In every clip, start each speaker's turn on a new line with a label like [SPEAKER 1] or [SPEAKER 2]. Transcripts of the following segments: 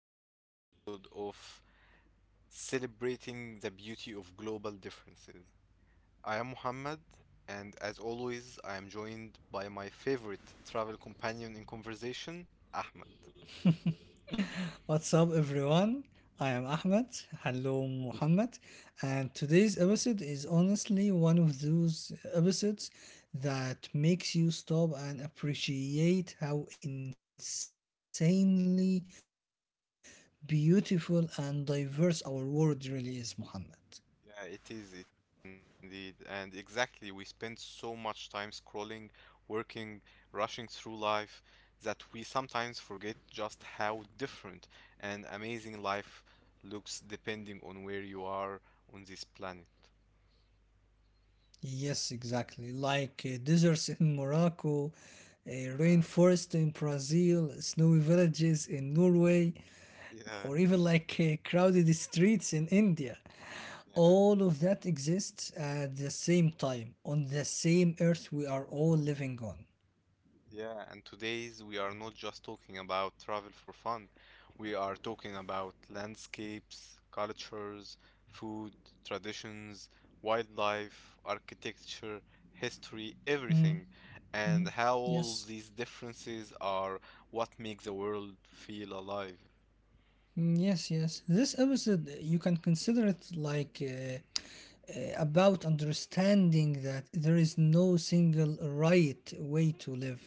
[SPEAKER 1] to a brand new episode of Celebrating the Beauty of Global Differences. I am Muhammad, and as always, I am joined by my favorite travel companion in conversation, Ahmed.
[SPEAKER 2] What's up, everyone? I am Ahmed. Hello, Muhammad. And today's
[SPEAKER 1] Hello.
[SPEAKER 2] episode is honestly one of those episodes that makes you stop and appreciate how insanely beautiful and diverse our world really is, Muhammad.
[SPEAKER 1] Yeah, it is indeed. And exactly, we spend so much time scrolling, working, rushing through life that we sometimes forget just how different and amazing life looks depending on where you are on this planet.
[SPEAKER 2] Yes, exactly. Deserts in Morocco, a
[SPEAKER 1] Yeah,
[SPEAKER 2] rainforest in Brazil, snowy villages in Norway,
[SPEAKER 1] yeah,
[SPEAKER 2] or even crowded streets in India.
[SPEAKER 1] yeah.
[SPEAKER 2] All of that exists at the same time on the same earth we are all living on.
[SPEAKER 1] Yeah, and today's we are not just talking about travel for fun. We are talking about landscapes, cultures, food, traditions, wildlife, architecture, history, everything, and how all
[SPEAKER 2] Yes.
[SPEAKER 1] these differences are what make the world feel alive.
[SPEAKER 2] Mm, yes, this episode, you can consider it like about understanding that there is no single right way to live.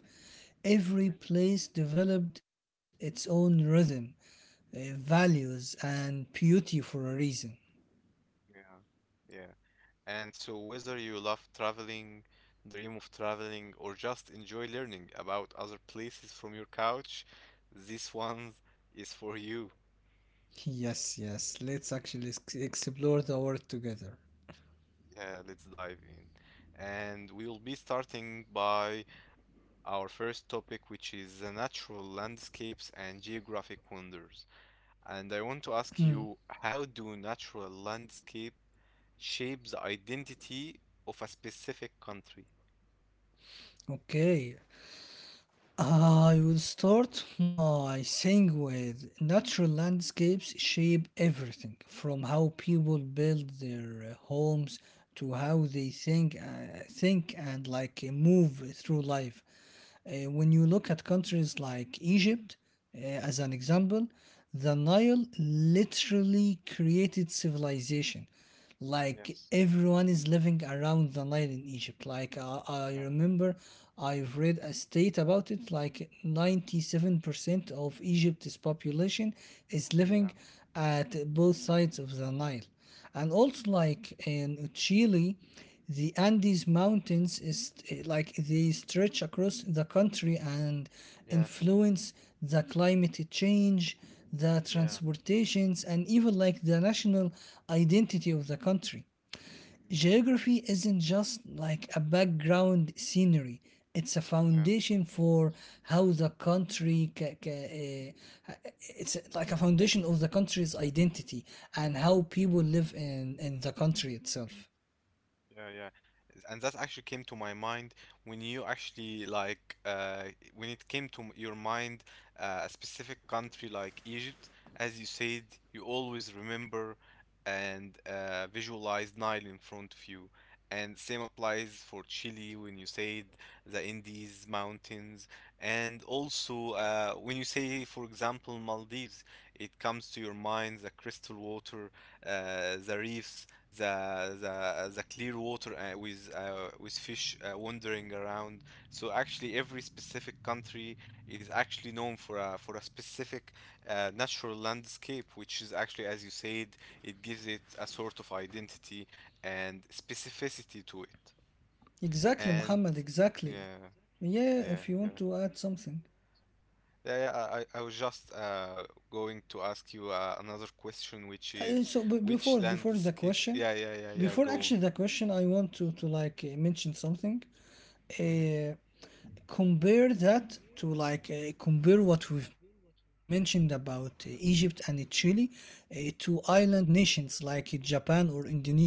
[SPEAKER 2] Every
[SPEAKER 1] Yeah,
[SPEAKER 2] place developed its own rhythm, values and beauty for a reason.
[SPEAKER 1] yeah, yeah. And so, whether you love traveling, dream of traveling, or just enjoy learning about other places from your couch, this one is for you.
[SPEAKER 2] Yes, let's actually explore the world together.
[SPEAKER 1] Yeah, let's dive in. And we will be starting by our first topic, which is the natural landscapes and geographic wonders. And I
[SPEAKER 2] Hmm,
[SPEAKER 1] want to ask you, how do natural landscape shape the identity of a specific country?
[SPEAKER 2] okay. I would start my thing with natural landscapes shape everything from how people build their homes to how they think, think and move through life. When
[SPEAKER 1] Mm,
[SPEAKER 2] you look at countries like Egypt, as an
[SPEAKER 1] mhm.
[SPEAKER 2] example, the Nile literally created civilization. Like
[SPEAKER 1] Yes.
[SPEAKER 2] everyone is living around the Nile in Egypt. I
[SPEAKER 1] Yeah.
[SPEAKER 2] remember, I've read a state about it. Like 97% of Egypt's population is
[SPEAKER 1] Yeah.
[SPEAKER 2] living at both sides of the Nile, and also like in Chile, the
[SPEAKER 1] Yeah.
[SPEAKER 2] Andes Mountains is like they
[SPEAKER 1] Mhm.
[SPEAKER 2] stretch across the country and
[SPEAKER 1] Yeah,
[SPEAKER 2] influence the climate change, the
[SPEAKER 1] yeah,
[SPEAKER 2] transportations, and even like the national identity of the country.
[SPEAKER 1] yeah,
[SPEAKER 2] Geography isn't just like a background scenery. It's a
[SPEAKER 1] yeah,
[SPEAKER 2] foundation for how the country, uh, it's like a foundation of the country's identity and how
[SPEAKER 1] yeah.
[SPEAKER 2] people live in the country itself.
[SPEAKER 1] Yeah, yeah. And that actually came to my mind when you actually when it came to your mind a specific country like Egypt, as you said, you always remember and visualize Nile in front of you. And same applies for Chile when you said the Andes mountains. And also when you say, for example, Maldives, it comes to your mind the crystal water, the reefs, the clear water with fish wandering around. So actually, every specific country is actually known for a specific natural landscape, which is actually, as you said, it gives it a sort of identity and specificity to it.
[SPEAKER 2] Exactly,
[SPEAKER 1] And
[SPEAKER 2] Muhammad, exactly.
[SPEAKER 1] yeah,
[SPEAKER 2] Yeah,
[SPEAKER 1] yeah,
[SPEAKER 2] if you
[SPEAKER 1] yeah.
[SPEAKER 2] want to add something.
[SPEAKER 1] Yeah, yeah, I was just going to ask you another question, which is which
[SPEAKER 2] Before the
[SPEAKER 1] landscape?
[SPEAKER 2] question,
[SPEAKER 1] Yeah, yeah, yeah, yeah.
[SPEAKER 2] before
[SPEAKER 1] Go on.
[SPEAKER 2] actually the question, I want to mention something.
[SPEAKER 1] Hmm.
[SPEAKER 2] Uh, compare that to compare what we've mentioned about Egypt and Chile to island nations like Japan or Indonesia,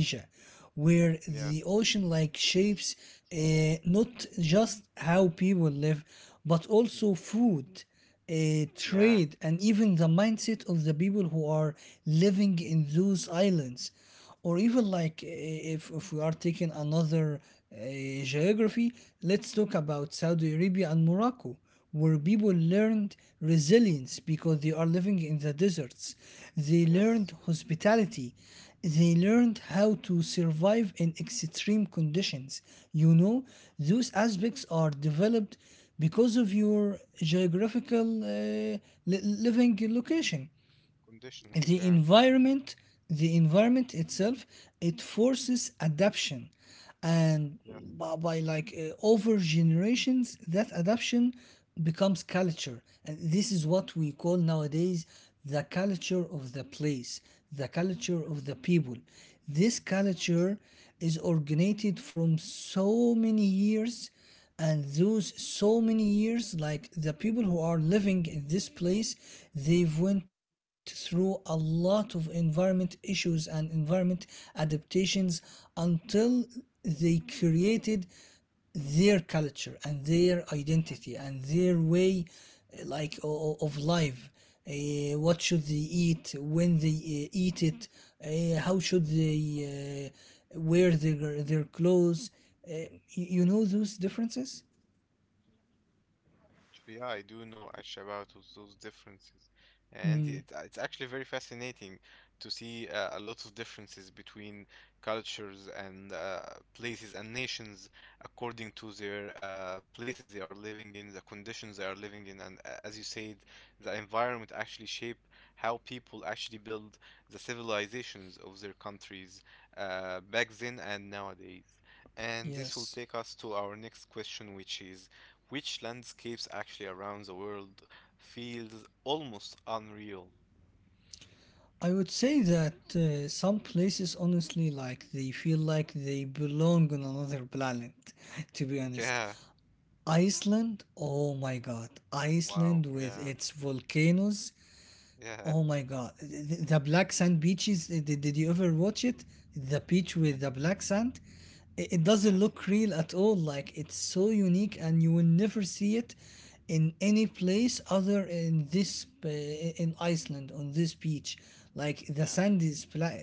[SPEAKER 2] where the
[SPEAKER 1] Yeah.
[SPEAKER 2] ocean like shapes, not just how people live, but also
[SPEAKER 1] Mhm.
[SPEAKER 2] food, uh,
[SPEAKER 1] Yeah.
[SPEAKER 2] trade, and even the mindset of the people who are living in those islands. Or even
[SPEAKER 1] Yeah.
[SPEAKER 2] if we are taking another geography, let's talk about Saudi Arabia and Morocco, where people learned resilience because they are living in the deserts. They
[SPEAKER 1] Yes.
[SPEAKER 2] learned
[SPEAKER 1] Mm.
[SPEAKER 2] hospitality, they learned how to survive in extreme conditions, you know.
[SPEAKER 1] Yeah.
[SPEAKER 2] Those aspects are developed because of your geographical living location,
[SPEAKER 1] Conditions.
[SPEAKER 2] the
[SPEAKER 1] Yeah. Yeah.
[SPEAKER 2] environment, the environment itself, it forces adaption. And
[SPEAKER 1] Yes.
[SPEAKER 2] by like over generations that adaption becomes culture, and this is what we call nowadays the culture of the place, the culture
[SPEAKER 1] Yeah.
[SPEAKER 2] of the people. This
[SPEAKER 1] Yes.
[SPEAKER 2] culture is originated from so many years, and those so many years, like the people who are living in this place, they've
[SPEAKER 1] Yeah.
[SPEAKER 2] went through a lot of environment issues and environment adaptations until they created their culture and their
[SPEAKER 1] Yeah.
[SPEAKER 2] identity and their way, of life. Uh, what should they eat, when they eat it, how should they wear their clothes, uh, you know, those differences.
[SPEAKER 1] Actually, yeah, I do know actually about those differences, and it's actually very fascinating to see a lot of differences between cultures and places and nations according to their places they are living in, the conditions they are living in, and as you said, the environment actually shape how people actually build the civilizations of their countries back then and nowadays. And this will
[SPEAKER 2] Yes,
[SPEAKER 1] take us to our next question, which is which landscapes actually around the world feels almost unreal.
[SPEAKER 2] I would say that, some places honestly like they feel like they belong on another planet to be honest.
[SPEAKER 1] Yeah.
[SPEAKER 2] Iceland, oh my god,
[SPEAKER 1] Wow.
[SPEAKER 2] Iceland with
[SPEAKER 1] Yeah.
[SPEAKER 2] its volcanoes.
[SPEAKER 1] Yeah.
[SPEAKER 2] Oh my God. The black sand beaches, did you ever watch it? The beach
[SPEAKER 1] Yeah.
[SPEAKER 2] with the black sand? It doesn't
[SPEAKER 1] Yes.
[SPEAKER 2] look real at all. Like, it's so unique and you will never see it in any place other in this, in Iceland on this beach. Like
[SPEAKER 1] Yeah.
[SPEAKER 2] the
[SPEAKER 1] Yeah.
[SPEAKER 2] sand is black.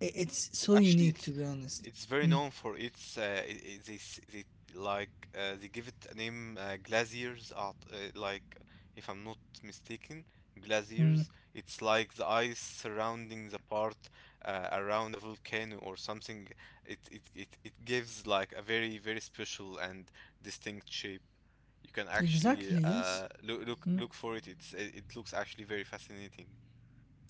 [SPEAKER 2] It's so
[SPEAKER 1] Actually,
[SPEAKER 2] unique, to be honest.
[SPEAKER 1] it's very known for its I- they s- they like they give it a name glaziers art like, if I'm not mistaken, glaziers
[SPEAKER 2] Mm.
[SPEAKER 1] it's like the ice surrounding the part around a volcano or something. It gives like a very very special and distinct shape. You can
[SPEAKER 2] Exactly,
[SPEAKER 1] actually
[SPEAKER 2] yes.
[SPEAKER 1] look look
[SPEAKER 2] Hmm.
[SPEAKER 1] look for it. It looks actually very fascinating.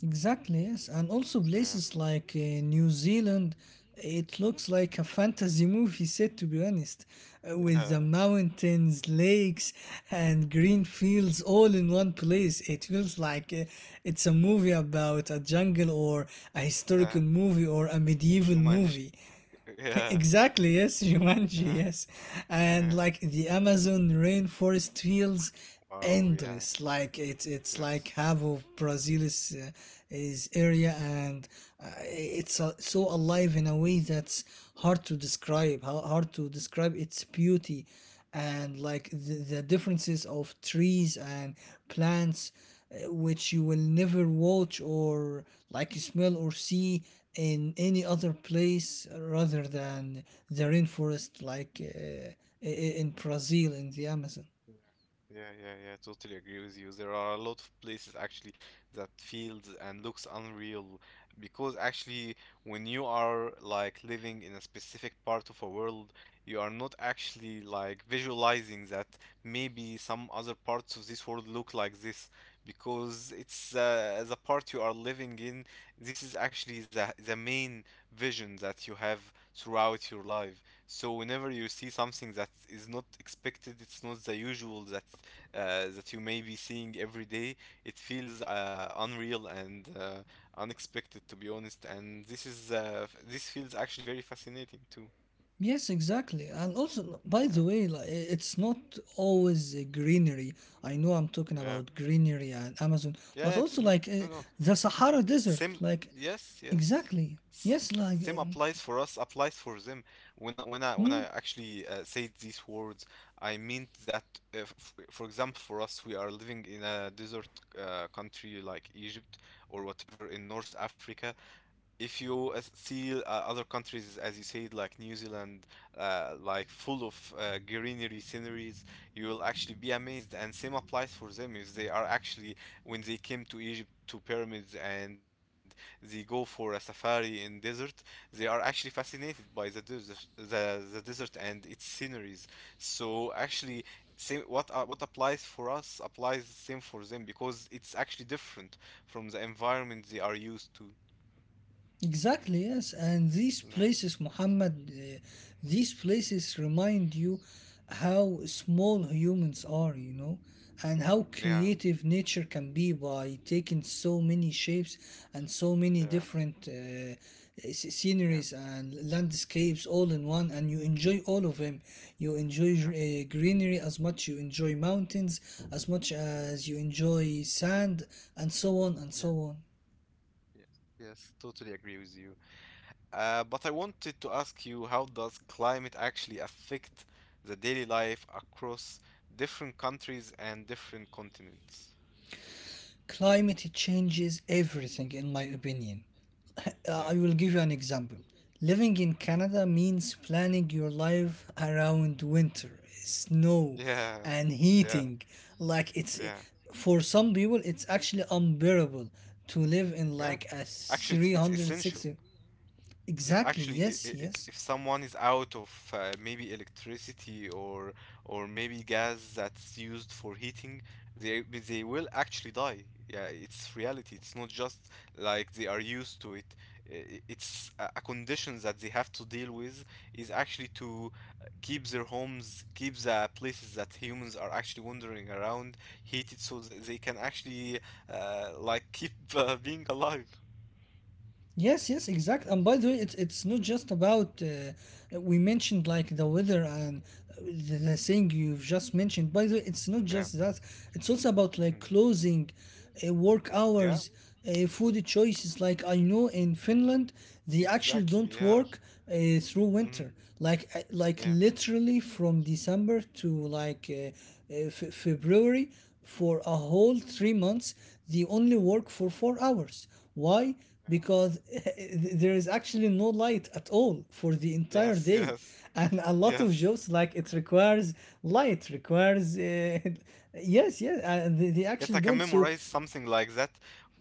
[SPEAKER 2] Exactly, yes. And also
[SPEAKER 1] Yeah.
[SPEAKER 2] places New Zealand, it looks like a fantasy movie set, to be honest,
[SPEAKER 1] Yeah,
[SPEAKER 2] with the mountains, lakes, and green fields all in one place. It feels like it's a movie about a jungle, or a
[SPEAKER 1] yeah.
[SPEAKER 2] historical movie, or a medieval
[SPEAKER 1] Jumanji.
[SPEAKER 2] movie.
[SPEAKER 1] Yeah,
[SPEAKER 2] Exactly, yes, Jumanji,
[SPEAKER 1] yeah,
[SPEAKER 2] yes. And
[SPEAKER 1] yeah.
[SPEAKER 2] like the Amazon rainforest feels
[SPEAKER 1] Wow, yeah.
[SPEAKER 2] endless. Like it's like
[SPEAKER 1] Yes.
[SPEAKER 2] half of Brazil is area, and it's so alive in a way that's hard to describe, how hard to describe its beauty and
[SPEAKER 1] Yeah.
[SPEAKER 2] like the differences of trees and plants, which you will never watch or like smell or see in any other place rather than the rainforest, in Brazil in the Amazon.
[SPEAKER 1] Yeah, yeah, yeah, yeah. Totally agree with you. There are a lot of places actually that feels and looks unreal, because actually when you are like living in a specific part of a world, you are not actually like visualizing that maybe some other parts of this world look like this because it's the part you are living in. This is actually the main vision that you have throughout your life. So whenever you see something that is not expected, it's not the usual that that you may be seeing every day. It feels unreal and unexpected, to be honest. And this is this feels actually very fascinating too.
[SPEAKER 2] Yes, exactly. And also, by
[SPEAKER 1] Yeah,
[SPEAKER 2] the way, it's not always greenery. I know I'm talking
[SPEAKER 1] yeah.
[SPEAKER 2] about greenery and Amazon, but
[SPEAKER 1] Yeah, it-
[SPEAKER 2] also
[SPEAKER 1] no, no, no.
[SPEAKER 2] the Sahara Desert.
[SPEAKER 1] Same,
[SPEAKER 2] Like,
[SPEAKER 1] yes, yes.
[SPEAKER 2] exactly.
[SPEAKER 1] S-
[SPEAKER 2] Yes, like,
[SPEAKER 1] Same applies for us, applies for them. When I, when I when
[SPEAKER 2] hmm?
[SPEAKER 1] I actually say these words, I meant that f for example, for us, we are living in a desert country like Egypt or whatever in North Africa. If you see other countries, as you said, like New Zealand, like full of greenery sceneries, you will actually be amazed. And same applies for them if they are actually, when they came to Egypt to pyramids and they go for a safari in desert, they are actually fascinated by the desert, the desert and its sceneries. So actually, same what applies for us applies the same for them because it's actually different from the environment they are used to.
[SPEAKER 2] Exactly, yes. And these
[SPEAKER 1] Yeah,
[SPEAKER 2] places, Muhammad, these places remind you how small humans are, you know, and how
[SPEAKER 1] yeah,
[SPEAKER 2] creative nature can be by taking so many shapes and so many
[SPEAKER 1] yeah,
[SPEAKER 2] different,
[SPEAKER 1] yeah,
[SPEAKER 2] sceneries and landscapes all in one. And you enjoy all of them. You enjoy
[SPEAKER 1] yeah.
[SPEAKER 2] greenery as much, you enjoy mountains as much as you
[SPEAKER 1] Yes,
[SPEAKER 2] enjoy sand, and so on and so
[SPEAKER 1] yeah,
[SPEAKER 2] on.
[SPEAKER 1] yes, yes. Totally agree with you. But I wanted to ask you, how does climate actually affect the daily life across different countries and different continents?
[SPEAKER 2] Climate changes everything, in my opinion. I
[SPEAKER 1] Yeah,
[SPEAKER 2] will give you an example. Living in
[SPEAKER 1] mhm.
[SPEAKER 2] Canada means planning your life around winter, snow,
[SPEAKER 1] Yeah,
[SPEAKER 2] and
[SPEAKER 1] yeah,
[SPEAKER 2] heating. Like it's
[SPEAKER 1] yeah,
[SPEAKER 2] for some people, it's actually unbearable to live in
[SPEAKER 1] yeah.
[SPEAKER 2] like a
[SPEAKER 1] Actually, it's essential.
[SPEAKER 2] 360.
[SPEAKER 1] If
[SPEAKER 2] Exactly.
[SPEAKER 1] actually
[SPEAKER 2] Yes. Yes.
[SPEAKER 1] if someone is out of maybe electricity or maybe gas that's used for heating, they will actually die. Yeah, it's reality. It's not just like they are used to it. I- It's a condition that they have to deal with is actually to keep their homes, keep the places that humans are actually wandering around heated so that they can actually keep being alive.
[SPEAKER 2] Yes, yes, exactly. And by the way, it's not just about, we mentioned like the weather and the thing you've just mentioned. By the way, it's not
[SPEAKER 1] Yeah.
[SPEAKER 2] just that. It's also about like
[SPEAKER 1] Hmm.
[SPEAKER 2] closing, work
[SPEAKER 1] Yeah.
[SPEAKER 2] hours, food choices. Like I know in Finland, they actually
[SPEAKER 1] Exactly.
[SPEAKER 2] don't
[SPEAKER 1] Yeah.
[SPEAKER 2] work through
[SPEAKER 1] Hmm.
[SPEAKER 2] winter. Like
[SPEAKER 1] Yeah.
[SPEAKER 2] literally from December to February, for a whole
[SPEAKER 1] Hmm.
[SPEAKER 2] 3 months, they only work
[SPEAKER 1] Hmm.
[SPEAKER 2] for 4 hours. Why?
[SPEAKER 1] Yeah.
[SPEAKER 2] Because there is actually no light at all for the entire
[SPEAKER 1] Yes.
[SPEAKER 2] day,
[SPEAKER 1] Yes.
[SPEAKER 2] and a lot of
[SPEAKER 1] Yes.
[SPEAKER 2] jobs like it requires light, requires yes yes, they
[SPEAKER 1] Yes, I
[SPEAKER 2] actually
[SPEAKER 1] can
[SPEAKER 2] don't so
[SPEAKER 1] memorize something like that.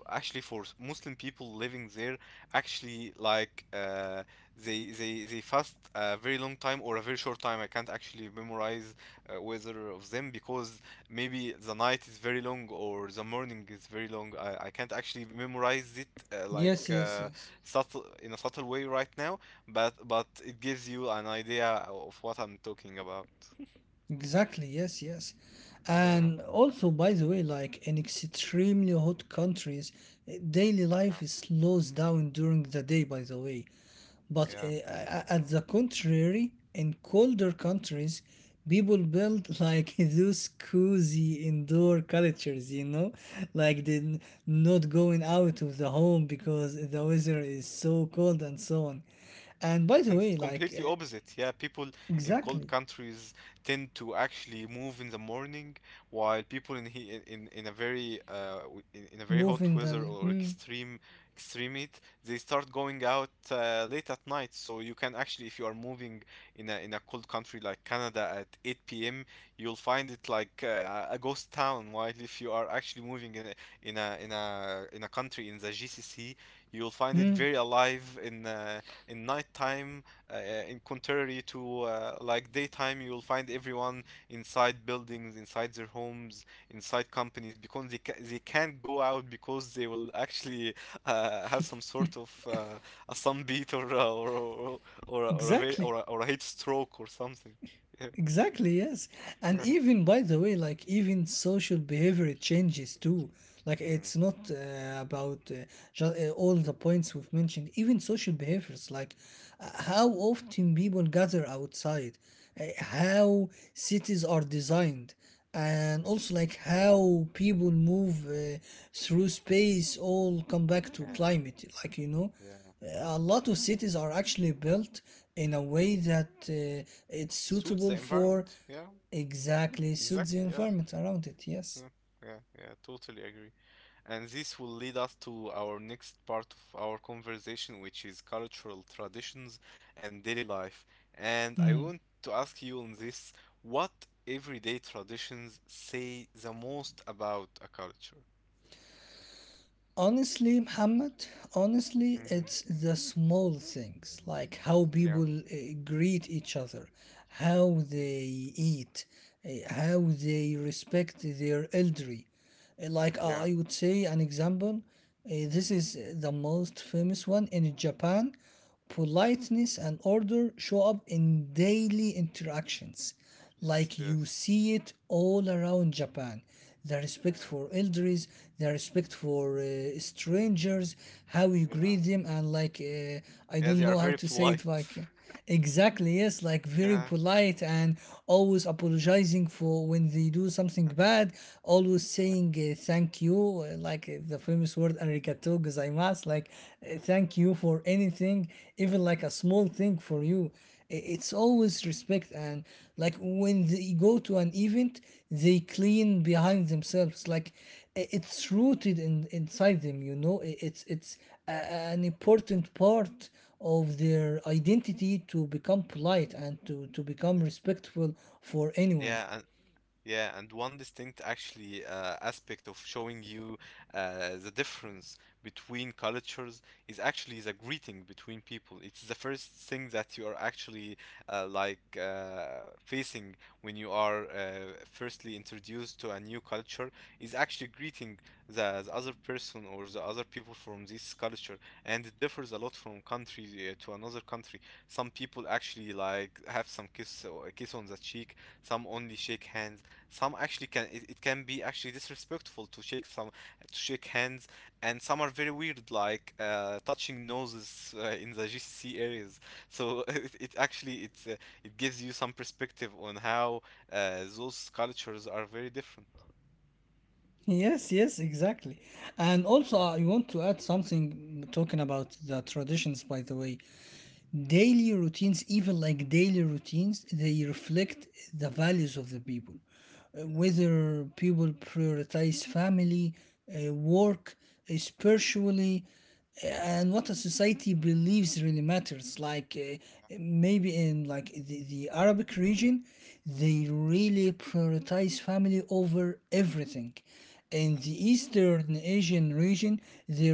[SPEAKER 1] Actually, for Muslim people living there, actually, they fast a very long time or a very short time. I can't actually memorize whether of them because maybe the night is very long or the morning is very long. I can't actually memorize it
[SPEAKER 2] yes yes yes.
[SPEAKER 1] subtle in a subtle way right now, but it gives you an idea of what I'm talking about.
[SPEAKER 2] Exactly, yes, yes.
[SPEAKER 1] Yeah.
[SPEAKER 2] And also, by the way, like in extremely hot countries, daily life is slows down during the day, by the way. But
[SPEAKER 1] Yeah.
[SPEAKER 2] at the contrary, in colder countries, people build like those cozy indoor cultures, you know, like they not going out of the home because the weather is so cold and so on. And by the
[SPEAKER 1] And it's
[SPEAKER 2] way,
[SPEAKER 1] completely opposite. Yeah, people in cold
[SPEAKER 2] exactly
[SPEAKER 1] countries tend to actually move in the morning, while people in a very in a very hot
[SPEAKER 2] moving
[SPEAKER 1] weather or
[SPEAKER 2] the.
[SPEAKER 1] extreme heat, they start going out late at night. So you can actually, if you are moving in a cold country like Canada at 8 p.m., you'll find it like a ghost town. While if you are actually moving in a country in the GCC, you'll find it very alive in nighttime uh, in contrary to daytime, you'll find everyone inside buildings inside their homes inside companies because they can't go out because they will actually have some sort of a sunbeat or a, ve-
[SPEAKER 2] Exactly.
[SPEAKER 1] or a heat stroke or something. Yeah.
[SPEAKER 2] Exactly, yes. And even, by the way, like even social behavior it changes too. Like
[SPEAKER 1] Mm,
[SPEAKER 2] it's not about just, all the points we've mentioned, even social behaviors, how often people gather outside,
[SPEAKER 1] yeah,
[SPEAKER 2] how cities are designed, and
[SPEAKER 1] yes,
[SPEAKER 2] also like how people move through space, all come back to
[SPEAKER 1] yeah,
[SPEAKER 2] climate, like, you know,
[SPEAKER 1] yeah,
[SPEAKER 2] a lot of cities are actually built in a way
[SPEAKER 1] yeah,
[SPEAKER 2] that it's
[SPEAKER 1] suits
[SPEAKER 2] suitable
[SPEAKER 1] the
[SPEAKER 2] for
[SPEAKER 1] environment, yeah,
[SPEAKER 2] exactly suits the
[SPEAKER 1] exactly, yeah,
[SPEAKER 2] environment around it yes.
[SPEAKER 1] yeah, yeah, yeah, totally agree. And this will lead us to our next part of our conversation, which is cultural traditions and daily life. And I want to ask you on this, what everyday traditions say the most about a culture?
[SPEAKER 2] Honestly, Muhammad, honestly
[SPEAKER 1] Hmm.
[SPEAKER 2] it's the small things like how
[SPEAKER 1] Yeah.
[SPEAKER 2] people greet each other, how
[SPEAKER 1] Mhm.
[SPEAKER 2] they eat, how they respect their elderly.
[SPEAKER 1] Yeah.
[SPEAKER 2] I would say an example, this is the most famous one in Japan. Politeness and order show up in daily interactions,
[SPEAKER 1] Yes,
[SPEAKER 2] like you
[SPEAKER 1] yes.
[SPEAKER 2] see it all around Japan. The respect
[SPEAKER 1] Yeah.
[SPEAKER 2] for elders, the respect for strangers, how you greet
[SPEAKER 1] Yeah.
[SPEAKER 2] them, and I
[SPEAKER 1] Yeah,
[SPEAKER 2] don't
[SPEAKER 1] they
[SPEAKER 2] know
[SPEAKER 1] are
[SPEAKER 2] how
[SPEAKER 1] very
[SPEAKER 2] to say it,
[SPEAKER 1] polite.
[SPEAKER 2] like exactly, yes, like very
[SPEAKER 1] Yeah.
[SPEAKER 2] polite, and always apologizing for when they do something bad, always
[SPEAKER 1] Yeah.
[SPEAKER 2] saying thank you, the famous word arigato gozaimasu, like, thank you for anything, even like a small thing for you. I- It's always respect, and like when they go to an event, they clean behind themselves. Like I- it's rooted in inside them, you know. I- It's an important part of their identity to become polite and to become
[SPEAKER 1] Yeah.
[SPEAKER 2] respectful for anyone.
[SPEAKER 1] Yeah. Yeah, and one distinct actually aspect of showing you the difference between cultures is actually the greeting between people. It's the first thing that you are actually facing when you are firstly introduced to a new culture is actually greeting the other person or the other people from this culture, and it differs a lot from country to another country. Some people actually like have some kiss or a kiss on the cheek, some only shake hands, some actually can it can be actually disrespectful to shake some to shake hands, and some are very weird, like touching noses in the GCC areas. So it actually it gives you some perspective on how those cultures are very different.
[SPEAKER 2] Yes, yes, exactly. And
[SPEAKER 1] Yeah,
[SPEAKER 2] also, I want to add something talking about the traditions, by the way. Daily routines, even like daily routines, they reflect the values of the people.
[SPEAKER 1] yeah,
[SPEAKER 2] Whether people prioritize family, work, spiritually,
[SPEAKER 1] yeah,
[SPEAKER 2] and what a society believes really matters.
[SPEAKER 1] yeah,
[SPEAKER 2] Maybe in like the Arabic region, they really prioritize family over everything. In
[SPEAKER 1] yes,
[SPEAKER 2] the Eastern Asian region, they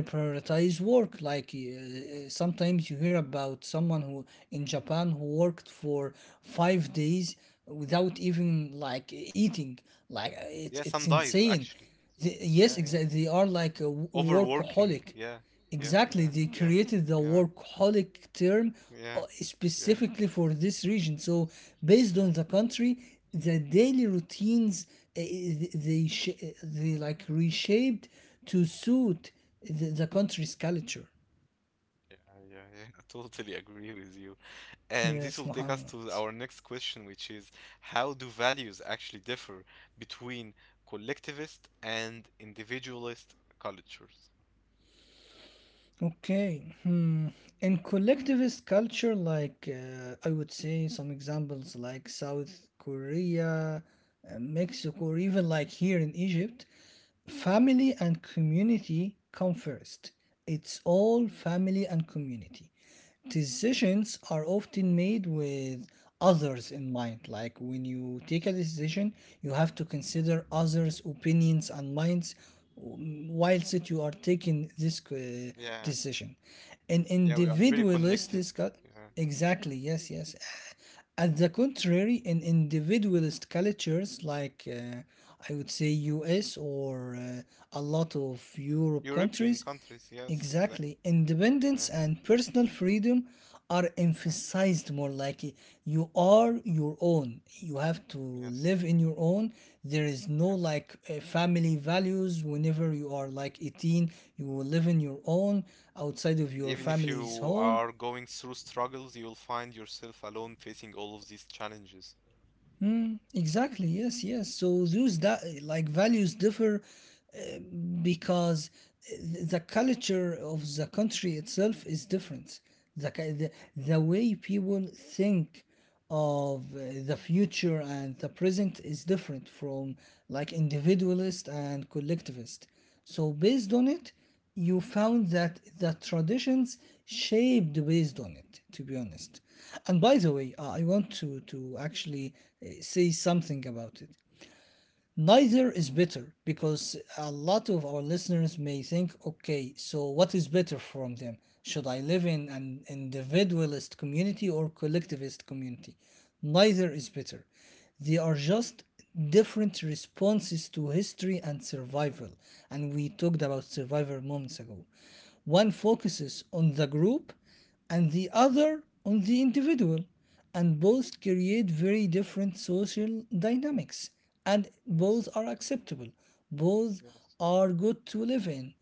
[SPEAKER 1] yeah,
[SPEAKER 2] prioritize work.
[SPEAKER 1] yeah.
[SPEAKER 2] Sometimes you hear about someone who in Japan who worked for 5 days without even like eating. Like
[SPEAKER 1] Yeah, some
[SPEAKER 2] it's
[SPEAKER 1] dies
[SPEAKER 2] insane.
[SPEAKER 1] actually.
[SPEAKER 2] The,
[SPEAKER 1] Yeah,
[SPEAKER 2] yes,
[SPEAKER 1] yeah.
[SPEAKER 2] exactly. They are like a
[SPEAKER 1] Overworking.
[SPEAKER 2] workaholic.
[SPEAKER 1] Yeah, world, yeah, yeah,
[SPEAKER 2] Exactly, they
[SPEAKER 1] yeah,
[SPEAKER 2] created the
[SPEAKER 1] yeah,
[SPEAKER 2] workaholic term
[SPEAKER 1] in yeah, concerned, yeah.
[SPEAKER 2] specifically for this region. So, based
[SPEAKER 1] Yeah,
[SPEAKER 2] on the country, the daily routines, uh, they like reshaped to suit the country's culture.
[SPEAKER 1] yeah, yeah, yeah. I totally agree with you. And this will
[SPEAKER 2] Yes,
[SPEAKER 1] take us
[SPEAKER 2] Muhammad.
[SPEAKER 1] to our next question, which is how do values actually differ between collectivist and individualist cultures?
[SPEAKER 2] Okay. Hmm. In collectivist culture, I would say some examples like South Korea, Mexico, or even like here in Egypt, family and community come first. It's all family and community.
[SPEAKER 1] Yeah,
[SPEAKER 2] Decisions are often made with others in mind. Like when you take a
[SPEAKER 1] yes,
[SPEAKER 2] decision, you have to
[SPEAKER 1] yeah,
[SPEAKER 2] consider others' opinions and minds whilst that you are taking this
[SPEAKER 1] yeah,
[SPEAKER 2] decision. An
[SPEAKER 1] yeah, we are very
[SPEAKER 2] individualist
[SPEAKER 1] connected.
[SPEAKER 2] discuss
[SPEAKER 1] Yeah, to
[SPEAKER 2] exactly,
[SPEAKER 1] this,
[SPEAKER 2] yes, yes. At the contrary, in individualist cultures like
[SPEAKER 1] right?
[SPEAKER 2] uh, I would say US or a lot of Europe countries,
[SPEAKER 1] European countries, yes,
[SPEAKER 2] exactly,
[SPEAKER 1] exactly.
[SPEAKER 2] independence
[SPEAKER 1] Yeah,
[SPEAKER 2] and personal freedom are
[SPEAKER 1] yeah,
[SPEAKER 2] emphasized more, like you are
[SPEAKER 1] yeah,
[SPEAKER 2] your own. You have to
[SPEAKER 1] yes,
[SPEAKER 2] live in your own. There is
[SPEAKER 1] yeah,
[SPEAKER 2] no
[SPEAKER 1] yeah.
[SPEAKER 2] like family values. Whenever you are like 18, you will live in your own outside of
[SPEAKER 1] And
[SPEAKER 2] your
[SPEAKER 1] even if
[SPEAKER 2] family's
[SPEAKER 1] you
[SPEAKER 2] home.
[SPEAKER 1] are going through struggles, you'll find yourself alone facing all of these challenges.
[SPEAKER 2] Exactly, yes, yes. So those that like values differ, because the culture of the country itself is different. The, ki- the, the way people think of the future and the present is different from like individualist and collectivist. So, based on it, you found that the traditions shaped based on it, to be honest. And by the way, I want to actually say something about it. Neither is better because a lot of our listeners may think, okay, so what is better from them? Should I live in an individualist community or collectivist community? Neither is better. They are just different responses to history and survival. And we talked about survival moments ago. One
[SPEAKER 1] Yeah,
[SPEAKER 2] focuses on the group and the other on the individual, and both create very different social dynamics, and both
[SPEAKER 1] yes,
[SPEAKER 2] are acceptable, both
[SPEAKER 1] yes,
[SPEAKER 2] are good to live in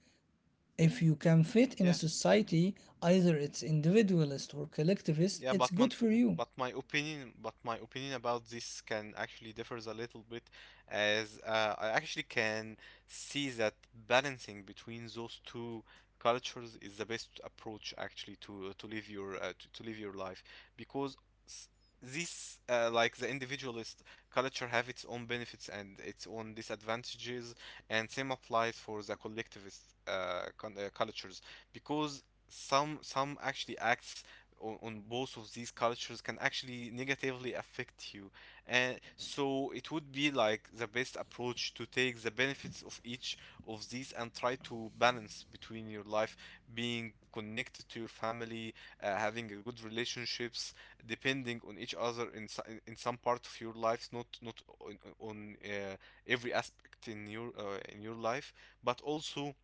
[SPEAKER 1] yeah.
[SPEAKER 2] if you can fit in a
[SPEAKER 1] Yeah,
[SPEAKER 2] society. Either it's individualist or collectivist,
[SPEAKER 1] Yeah, but
[SPEAKER 2] it's
[SPEAKER 1] my,
[SPEAKER 2] good for you.
[SPEAKER 1] but my opinion about this can actually differs a little bit, as I actually can see that balancing between those two cultures is the best approach actually to live your to live your life because s- this like the individualist culture have its own benefits and its own disadvantages, and same applies for the collectivist con cultures because some actually acts on both of these cultures can actually negatively affect you. And so it would be like the best approach to take the benefits of each of these and try to balance between your life being connected to your family, having a good relationships, depending on each other in, in some part of your lives, not on, every aspect in your life, but also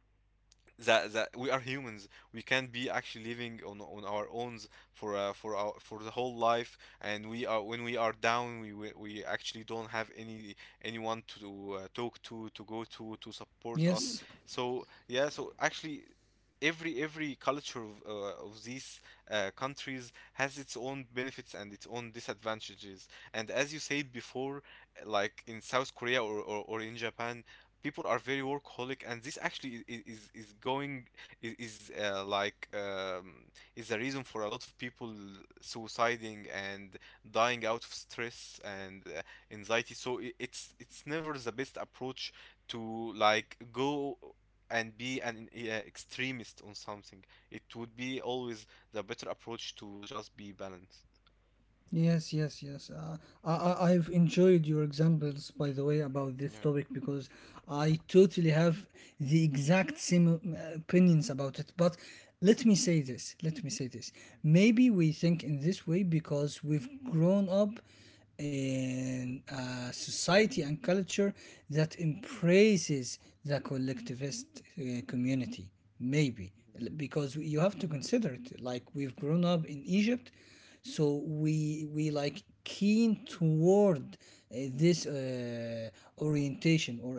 [SPEAKER 1] that we are humans. We can't be actually living on our own for our for the whole life. And we are when we are down, we actually don't have anyone to talk to go to support us.
[SPEAKER 2] Yes.
[SPEAKER 1] So yeah, so actually. Every culture of these countries has its own benefits and its own disadvantages. And as you said before, like in South Korea, or in Japan, people are very workaholic, and this actually is going is like is the reason for a lot of people suiciding and dying out of stress and anxiety. So it's never the best approach to like go and be an extremist on something. It would be always the better approach to just be balanced.
[SPEAKER 2] Yes, yes, yes. I've enjoyed your examples, by the way, about this
[SPEAKER 1] Yeah,
[SPEAKER 2] topic because I totally have the exact same opinions about it. But let me say this, let me say this. Maybe we think in this way because we've grown up in a society and culture that embraces the collectivist community. Maybe because you have to consider it, like we've grown up in Egypt, so we like keen toward this orientation or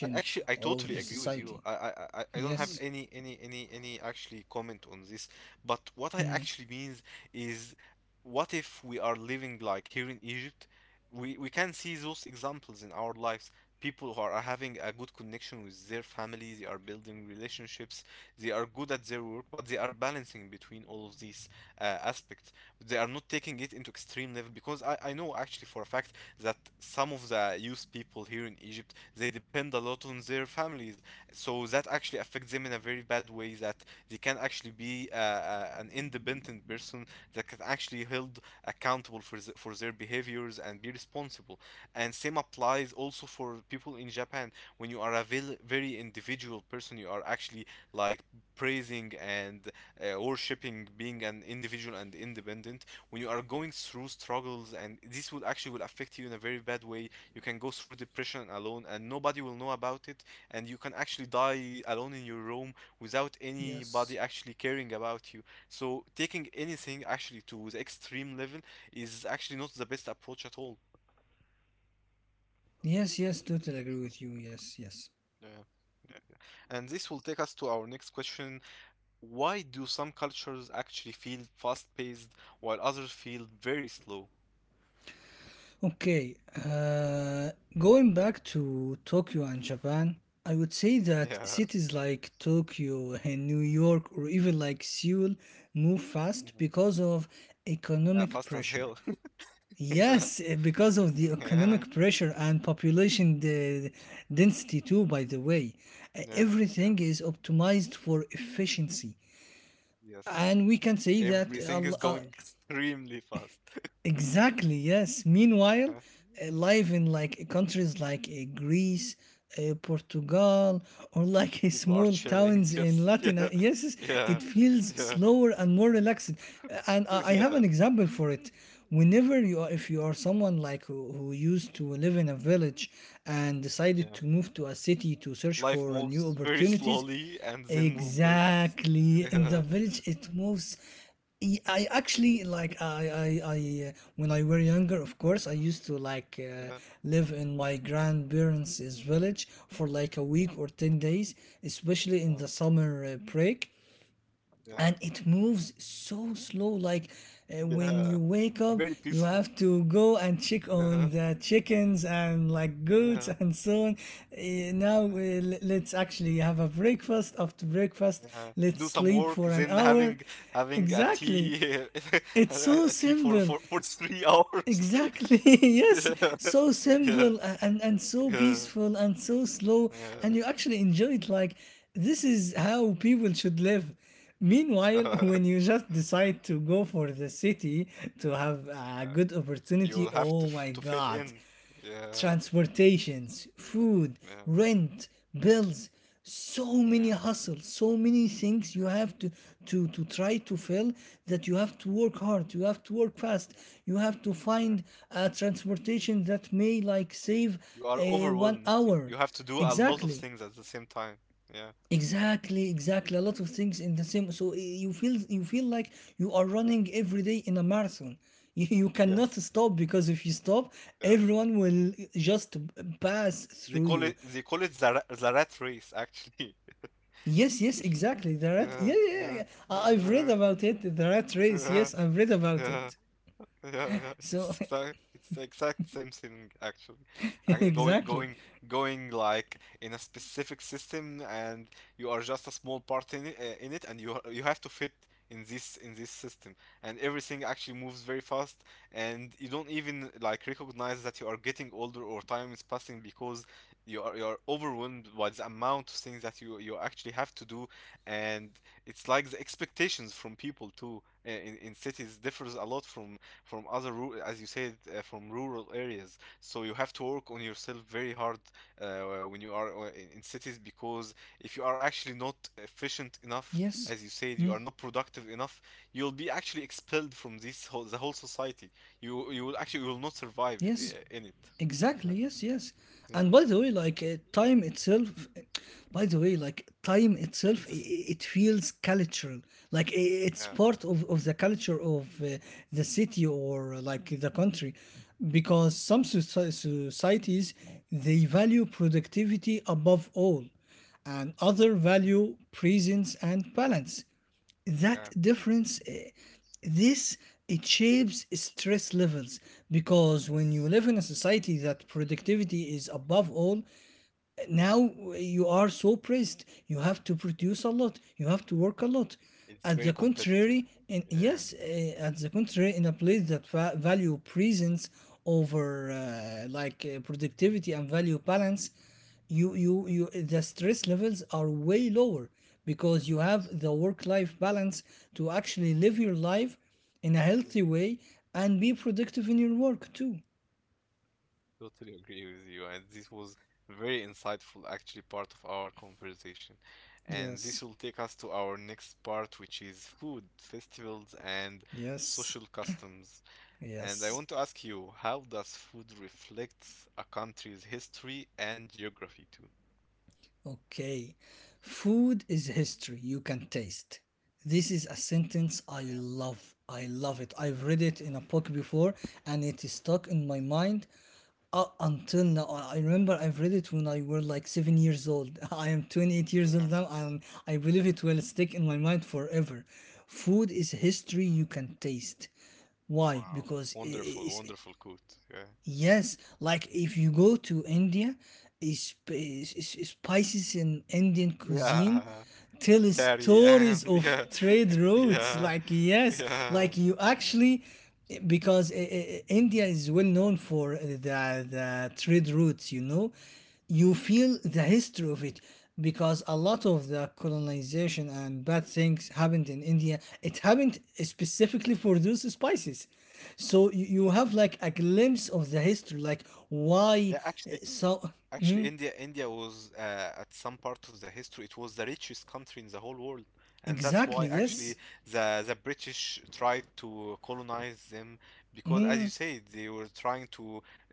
[SPEAKER 1] I actually I
[SPEAKER 2] of
[SPEAKER 1] totally
[SPEAKER 2] the
[SPEAKER 1] agree with you.
[SPEAKER 2] society.
[SPEAKER 1] I don't have
[SPEAKER 2] Yes.
[SPEAKER 1] any actually comment on this, but what I
[SPEAKER 2] Mm,
[SPEAKER 1] actually means is, what if we are living like here in Egypt? We can see those examples in our lives. People who are having a good connection with their family, they are building relationships, they are good at their work, but they are balancing between all of these aspects. They are not taking it into extreme level because I know actually for a fact that some of the youth people here in Egypt, they depend a lot on their families, so that actually affects them in a very bad way, that they can actually be an independent person that can actually held accountable for for their behaviors and be responsible. And same applies also for people in Japan. When you are a very individual person, you are actually like praising and worshiping being an individual and independent. When you are going through struggles, and this would actually will affect you in a very bad way, you can go through depression alone and nobody will know about it, and you can actually die alone in your room without anybody
[SPEAKER 2] yes,
[SPEAKER 1] actually caring about you. So, taking anything actually to the extreme level is actually not the best approach at all.
[SPEAKER 2] yes, yes, totally agree with you, yes, yes.
[SPEAKER 1] Yeah. And this will take us to our next question. Why do some cultures actually feel fast paced while others feel very slow?
[SPEAKER 2] Okay. uh, Going back to Tokyo and Japan, I would say that
[SPEAKER 1] Yeah.
[SPEAKER 2] cities like Tokyo and New York, or even like Seoul, move fast because of
[SPEAKER 1] Yeah,
[SPEAKER 2] economic
[SPEAKER 1] fast as
[SPEAKER 2] pressure.
[SPEAKER 1] hell. yeah.
[SPEAKER 2] Yes, because of the
[SPEAKER 1] Yeah,
[SPEAKER 2] economic pressure and density, too, by the way.
[SPEAKER 1] yeah, yeah.
[SPEAKER 2] Everything is optimized for efficiency.
[SPEAKER 1] Yes.
[SPEAKER 2] And we can say that
[SPEAKER 1] Everything is going extremely fast.
[SPEAKER 2] exactly, yes. Meanwhile,
[SPEAKER 1] Yeah.
[SPEAKER 2] life in like countries like Greece, Portugal, or like
[SPEAKER 1] People are
[SPEAKER 2] small
[SPEAKER 1] chilling,
[SPEAKER 2] towns in
[SPEAKER 1] just
[SPEAKER 2] Latin,
[SPEAKER 1] yeah,
[SPEAKER 2] yes, yes,
[SPEAKER 1] yeah,
[SPEAKER 2] it feels
[SPEAKER 1] yeah,
[SPEAKER 2] slower and more relaxed. And I have
[SPEAKER 1] yeah,
[SPEAKER 2] an example for it. Whenever you are, if you are someone like who used to live in a village and decided
[SPEAKER 1] yeah.
[SPEAKER 2] to move to a city to search
[SPEAKER 1] Life
[SPEAKER 2] for new
[SPEAKER 1] moves very
[SPEAKER 2] opportunities,
[SPEAKER 1] slowly and then move very fast.
[SPEAKER 2] exactly. In the
[SPEAKER 1] Yeah,
[SPEAKER 2] village, it moves. I actually like I When I were younger, of course, I used to
[SPEAKER 1] yeah,
[SPEAKER 2] live in my grandparents' village for like a week
[SPEAKER 1] yeah,
[SPEAKER 2] or 10 days, especially in
[SPEAKER 1] yeah,
[SPEAKER 2] the summer break,
[SPEAKER 1] yeah,
[SPEAKER 2] and it moves so slow, like when
[SPEAKER 1] yeah.
[SPEAKER 2] you wake up
[SPEAKER 1] Very
[SPEAKER 2] you
[SPEAKER 1] peaceful.
[SPEAKER 2] have to go and check
[SPEAKER 1] Yeah,
[SPEAKER 2] on the chickens and like goats
[SPEAKER 1] yeah,
[SPEAKER 2] and so on.
[SPEAKER 1] yeah.
[SPEAKER 2] Let's actually have a breakfast. After breakfast,
[SPEAKER 1] Yeah.
[SPEAKER 2] let's
[SPEAKER 1] Do some
[SPEAKER 2] sleep
[SPEAKER 1] work,
[SPEAKER 2] for an
[SPEAKER 1] then
[SPEAKER 2] hour,
[SPEAKER 1] having a
[SPEAKER 2] exactly.
[SPEAKER 1] tea,
[SPEAKER 2] It's so
[SPEAKER 1] a tea for,
[SPEAKER 2] simple.
[SPEAKER 1] for 3 hours.
[SPEAKER 2] Exactly. Yes.
[SPEAKER 1] Yeah.
[SPEAKER 2] So
[SPEAKER 1] Yeah.
[SPEAKER 2] simple, and so
[SPEAKER 1] Yeah.
[SPEAKER 2] peaceful and so slow,
[SPEAKER 1] Yeah.
[SPEAKER 2] and you actually enjoy it, like this is how people should live. Meanwhile, when you just decide to go for the city to have a good
[SPEAKER 1] You
[SPEAKER 2] opportunity,
[SPEAKER 1] will have to
[SPEAKER 2] oh my
[SPEAKER 1] to fit
[SPEAKER 2] God,
[SPEAKER 1] in. Yeah.
[SPEAKER 2] transportations, food,
[SPEAKER 1] Yeah.
[SPEAKER 2] rent, bills, so many
[SPEAKER 1] Yeah.
[SPEAKER 2] hustles, so many things you
[SPEAKER 1] Yeah.
[SPEAKER 2] have to try to fill, that you have to work hard, you have to work fast,
[SPEAKER 1] Yes.
[SPEAKER 2] you have to
[SPEAKER 1] Yeah.
[SPEAKER 2] find a transportation that may like save
[SPEAKER 1] You are
[SPEAKER 2] one
[SPEAKER 1] overwhelmed.
[SPEAKER 2] hour.
[SPEAKER 1] You have to do a lot of
[SPEAKER 2] Exactly.
[SPEAKER 1] things at the same time. Yeah.
[SPEAKER 2] Exactly, exactly. A lot of things in the same. So you feel like you are running every day in a marathon. You cannot
[SPEAKER 1] Yes.
[SPEAKER 2] stop because if you stop,
[SPEAKER 1] Yes.
[SPEAKER 2] everyone will just pass
[SPEAKER 1] They
[SPEAKER 2] through
[SPEAKER 1] call
[SPEAKER 2] you.
[SPEAKER 1] it they call it the rat race actually.
[SPEAKER 2] Yes, yes, exactly. The rat.
[SPEAKER 1] Yeah.
[SPEAKER 2] Yeah, yeah, yeah, yeah.
[SPEAKER 1] Yeah.
[SPEAKER 2] I've read
[SPEAKER 1] Yeah.
[SPEAKER 2] about it. The rat race.
[SPEAKER 1] Yeah.
[SPEAKER 2] Yes, I've read about
[SPEAKER 1] Yeah.
[SPEAKER 2] it.
[SPEAKER 1] Yeah, yeah,
[SPEAKER 2] So
[SPEAKER 1] it's the exact same thing actually. Going,
[SPEAKER 2] exactly.
[SPEAKER 1] going like in a specific system, and you are just a small part in it, and you have to fit in this system, and everything actually moves very fast, and you don't even like recognize that you are getting older or time is passing because you are overwhelmed by the amount of things that you actually have to do, and it's like the expectations from people too in cities differs a lot from as you said from rural areas. So you have to work on yourself very hard uh, when you are in cities because if you are actually not efficient enough, as
[SPEAKER 2] Yes.
[SPEAKER 1] you said, you
[SPEAKER 2] Hmm.
[SPEAKER 1] are not productive enough, you'll be actually expelled from this whole the whole society. You will actually will not survive
[SPEAKER 2] Yes,
[SPEAKER 1] in it. Yeah,
[SPEAKER 2] exactly. Yes, yes. And
[SPEAKER 1] yeah,
[SPEAKER 2] by the way, time itself, by the way, like time itself,
[SPEAKER 1] it's just
[SPEAKER 2] it feels cultural. Like it's
[SPEAKER 1] yeah,
[SPEAKER 2] part of the culture of the city or like the country, because societies, they value productivity above all, and
[SPEAKER 1] mm,
[SPEAKER 2] other value presence and balance. That
[SPEAKER 1] yeah,
[SPEAKER 2] difference, this it shapes stress levels, because when you
[SPEAKER 1] yes,
[SPEAKER 2] live in a society that productivity is above all,
[SPEAKER 1] yeah,
[SPEAKER 2] now you are so pressed, you have to
[SPEAKER 1] yeah,
[SPEAKER 2] produce a lot, you have to work a
[SPEAKER 1] yeah,
[SPEAKER 2] lot.
[SPEAKER 1] it's very competitive. Yeah,
[SPEAKER 2] At the contrary, in a place that value presence over productivity and value balance, you the stress levels are way lower, because you have
[SPEAKER 1] yes.
[SPEAKER 2] the work life balance to actually live your life in a healthy way and be productive in your work too.
[SPEAKER 1] Totally agree with you. And this was very insightful, actually, part of our conversation. And this
[SPEAKER 2] Yes,
[SPEAKER 1] will take us to our next part, which is food, festivals, and
[SPEAKER 2] yes,
[SPEAKER 1] social customs. And I
[SPEAKER 2] yes.
[SPEAKER 1] want to ask you, how does food reflect a country's history and geography too?
[SPEAKER 2] Okay. Food is history you can taste. This is a sentence I
[SPEAKER 1] Yeah,
[SPEAKER 2] love. I love it. I've read it in
[SPEAKER 1] yeah,
[SPEAKER 2] a book before and it is stuck in my mind up until
[SPEAKER 1] yeah.
[SPEAKER 2] now. I remember I've read it when I were like 7 years old. I am 28 years old
[SPEAKER 1] Wow.
[SPEAKER 2] now and I believe it will stick in my mind forever. Food is history you can taste. Why?
[SPEAKER 1] Wow.
[SPEAKER 2] Because
[SPEAKER 1] Wonderful,
[SPEAKER 2] it's,
[SPEAKER 1] wonderful quote. Yeah.
[SPEAKER 2] yes, like if you go to India, spices in Indian cuisine
[SPEAKER 1] Yeah.
[SPEAKER 2] tell
[SPEAKER 1] Carry yeah,
[SPEAKER 2] stories of
[SPEAKER 1] yeah,
[SPEAKER 2] trade routes.
[SPEAKER 1] yeah,
[SPEAKER 2] Like yes,
[SPEAKER 1] yeah.
[SPEAKER 2] like you actually, because India is well known for the trade routes. You know, you feel the history of it because a lot of the colonization and bad things happened in India. It happened specifically for those spices. So you have like a glimpse of the history, like why
[SPEAKER 1] Yeah,
[SPEAKER 2] uh,
[SPEAKER 1] actually,
[SPEAKER 2] so
[SPEAKER 1] actually, India was at some part of the history, it was the richest country in the whole world, and that's why
[SPEAKER 2] exactly,
[SPEAKER 1] actually
[SPEAKER 2] yes.
[SPEAKER 1] the British tried to colonize them because, as you say, they were trying to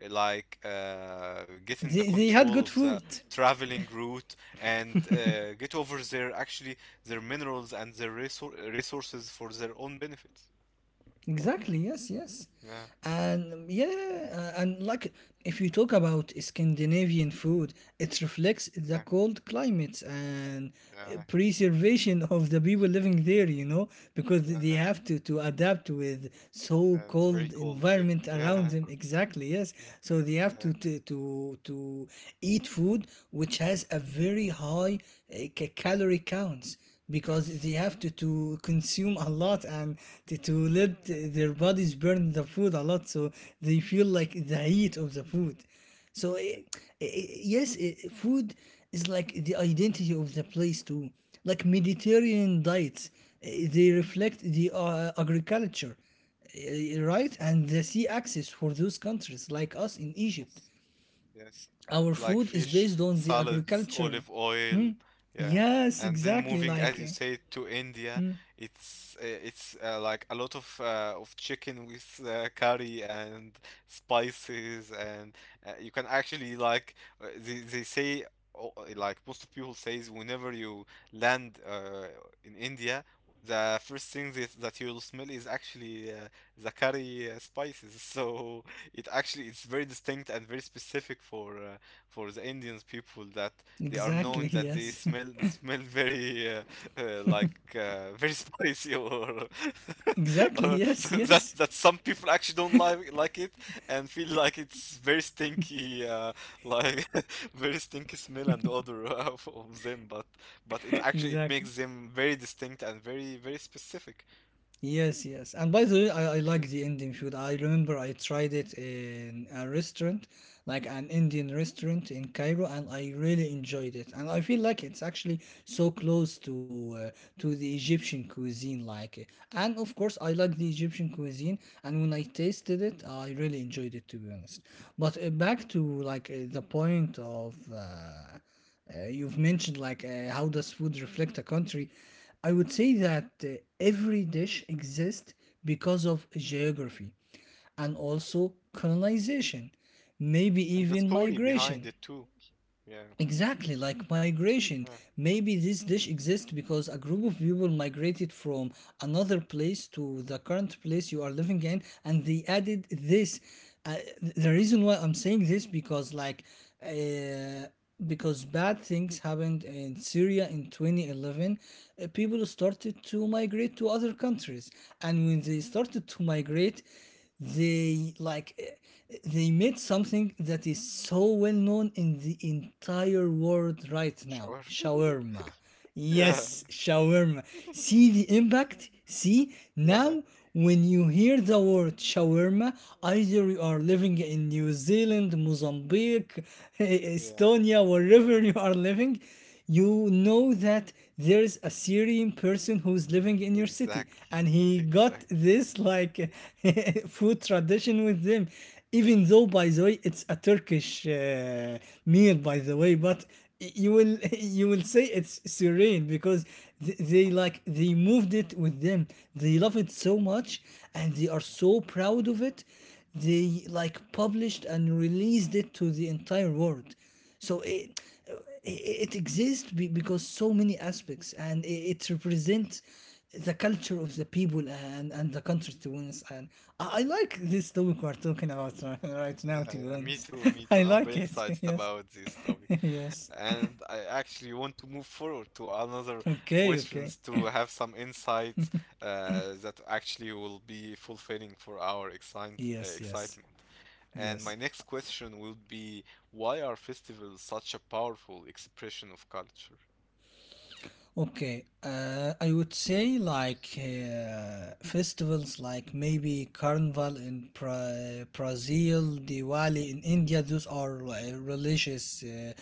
[SPEAKER 1] get in the
[SPEAKER 2] They had
[SPEAKER 1] control
[SPEAKER 2] good
[SPEAKER 1] of the
[SPEAKER 2] food.
[SPEAKER 1] traveling route and get over their actually their minerals and their resources for their own benefits.
[SPEAKER 2] Exactly, yes, yes.
[SPEAKER 1] Yeah,
[SPEAKER 2] And yeah, and like if you talk about Scandinavian food, it reflects the
[SPEAKER 1] yeah,
[SPEAKER 2] cold climates and
[SPEAKER 1] yeah,
[SPEAKER 2] preservation of the people living there, you know, because they
[SPEAKER 1] yeah,
[SPEAKER 2] have to adapt with so
[SPEAKER 1] yeah, it's very
[SPEAKER 2] cold
[SPEAKER 1] cold there.
[SPEAKER 2] environment
[SPEAKER 1] Yeah,
[SPEAKER 2] around them. Exactly, yes.
[SPEAKER 1] yeah,
[SPEAKER 2] So they have
[SPEAKER 1] yeah.
[SPEAKER 2] to eat food which has a very high calorie counts because they
[SPEAKER 1] Yes.
[SPEAKER 2] have to consume a lot and to let
[SPEAKER 1] Yeah. Yeah.
[SPEAKER 2] their bodies burn the food a lot so they feel like the heat of the food. So
[SPEAKER 1] Yeah.
[SPEAKER 2] yes, food is like the identity of the place too, like Mediterranean diets, they
[SPEAKER 1] Yeah.
[SPEAKER 2] reflect the agriculture,
[SPEAKER 1] Yeah.
[SPEAKER 2] right, and the sea access for those countries
[SPEAKER 1] Yeah.
[SPEAKER 2] like us in
[SPEAKER 1] Yeah.
[SPEAKER 2] Egypt.
[SPEAKER 1] Yes. Yes,
[SPEAKER 2] Our
[SPEAKER 1] like
[SPEAKER 2] food is
[SPEAKER 1] fish,
[SPEAKER 2] based on the
[SPEAKER 1] salads,
[SPEAKER 2] agriculture.
[SPEAKER 1] olive oil, yeah.
[SPEAKER 2] Yes,
[SPEAKER 1] And then
[SPEAKER 2] exactly,
[SPEAKER 1] moving, as
[SPEAKER 2] like
[SPEAKER 1] you say, to India, it's like a lot of chicken with curry and spices, and you can actually like they say, oh, like most of people says, whenever you land in India, the first thing that you'll smell is actually the curry spices. So it actually it's very distinct and very specific for the Indians people, that they are
[SPEAKER 2] exactly,
[SPEAKER 1] known that they
[SPEAKER 2] yes.
[SPEAKER 1] smell very very spicy, or
[SPEAKER 2] Exactly,
[SPEAKER 1] or
[SPEAKER 2] yes, yes.
[SPEAKER 1] that some people actually don't like it and feel like it's very stinky like very stinky smell and odor of them, but it actually it
[SPEAKER 2] Exactly.
[SPEAKER 1] makes them very distinct and very very specific.
[SPEAKER 2] Yes, yes. And by the way, I like the Indian food. I remember I tried it in a restaurant, like an Indian restaurant in Cairo, and I really enjoyed it. And I feel like it's actually so close to the Egyptian cuisine, like. And of course, I like the Egyptian cuisine. And when I tasted it, I really enjoyed it, to be honest. But back to like the point of. You've mentioned like how does food reflect a country. I would say that every dish exists because of geography and
[SPEAKER 1] Yeah.
[SPEAKER 2] also colonization, maybe
[SPEAKER 1] And the
[SPEAKER 2] even
[SPEAKER 1] story behind
[SPEAKER 2] migration.
[SPEAKER 1] it too. Yeah.
[SPEAKER 2] Exactly, like migration.
[SPEAKER 1] Yeah.
[SPEAKER 2] Maybe this dish exists because a group of people migrated from another place to the current place you are living in, and they added this. The reason why I'm saying this because, like, uh, because bad things happened in Syria in 2011, people started to migrate to other countries, and when they started to migrate, they they made something that is so well known in the entire world right now,
[SPEAKER 1] Shower.
[SPEAKER 2] shawarma.
[SPEAKER 1] yeah,
[SPEAKER 2] Yes, shawarma. See the impact. See
[SPEAKER 1] yeah,
[SPEAKER 2] now, when you hear the word shawarma, either you are living in New Zealand, Mozambique,
[SPEAKER 1] yeah.
[SPEAKER 2] Estonia, wherever you are living, you know that there's a Syrian person who's living in your city,
[SPEAKER 1] Exactly,
[SPEAKER 2] and he got
[SPEAKER 1] exactly.
[SPEAKER 2] this like food tradition with them. Even though,
[SPEAKER 1] Yeah,
[SPEAKER 2] by the way, it's a Turkish meal, by the way, but you will you will say it's Syrian because they like they moved it with them. They love it so much, and they are so proud of it. They like published and released it to the entire world. So it exists because so many aspects and it represents the culture of the people and the country, to be honest. And I like this topic we're talking about right now,
[SPEAKER 1] yeah,
[SPEAKER 2] to be
[SPEAKER 1] yeah, me
[SPEAKER 2] honest.
[SPEAKER 1] too, me
[SPEAKER 2] I
[SPEAKER 1] too. I'm
[SPEAKER 2] like
[SPEAKER 1] very
[SPEAKER 2] it.
[SPEAKER 1] excited
[SPEAKER 2] Yes.
[SPEAKER 1] about this topic.
[SPEAKER 2] Yes.
[SPEAKER 1] And I actually want to move forward to another
[SPEAKER 2] Okay, okay.
[SPEAKER 1] questions to have some insights that actually will be fulfilling for our
[SPEAKER 2] Yes, yes,
[SPEAKER 1] excitement. And my
[SPEAKER 2] yes.
[SPEAKER 1] next question will be, why are festivals such a powerful expression of culture?
[SPEAKER 2] Okay, I would say like festivals like maybe Carnival in Brazil, Diwali in India. Those are religious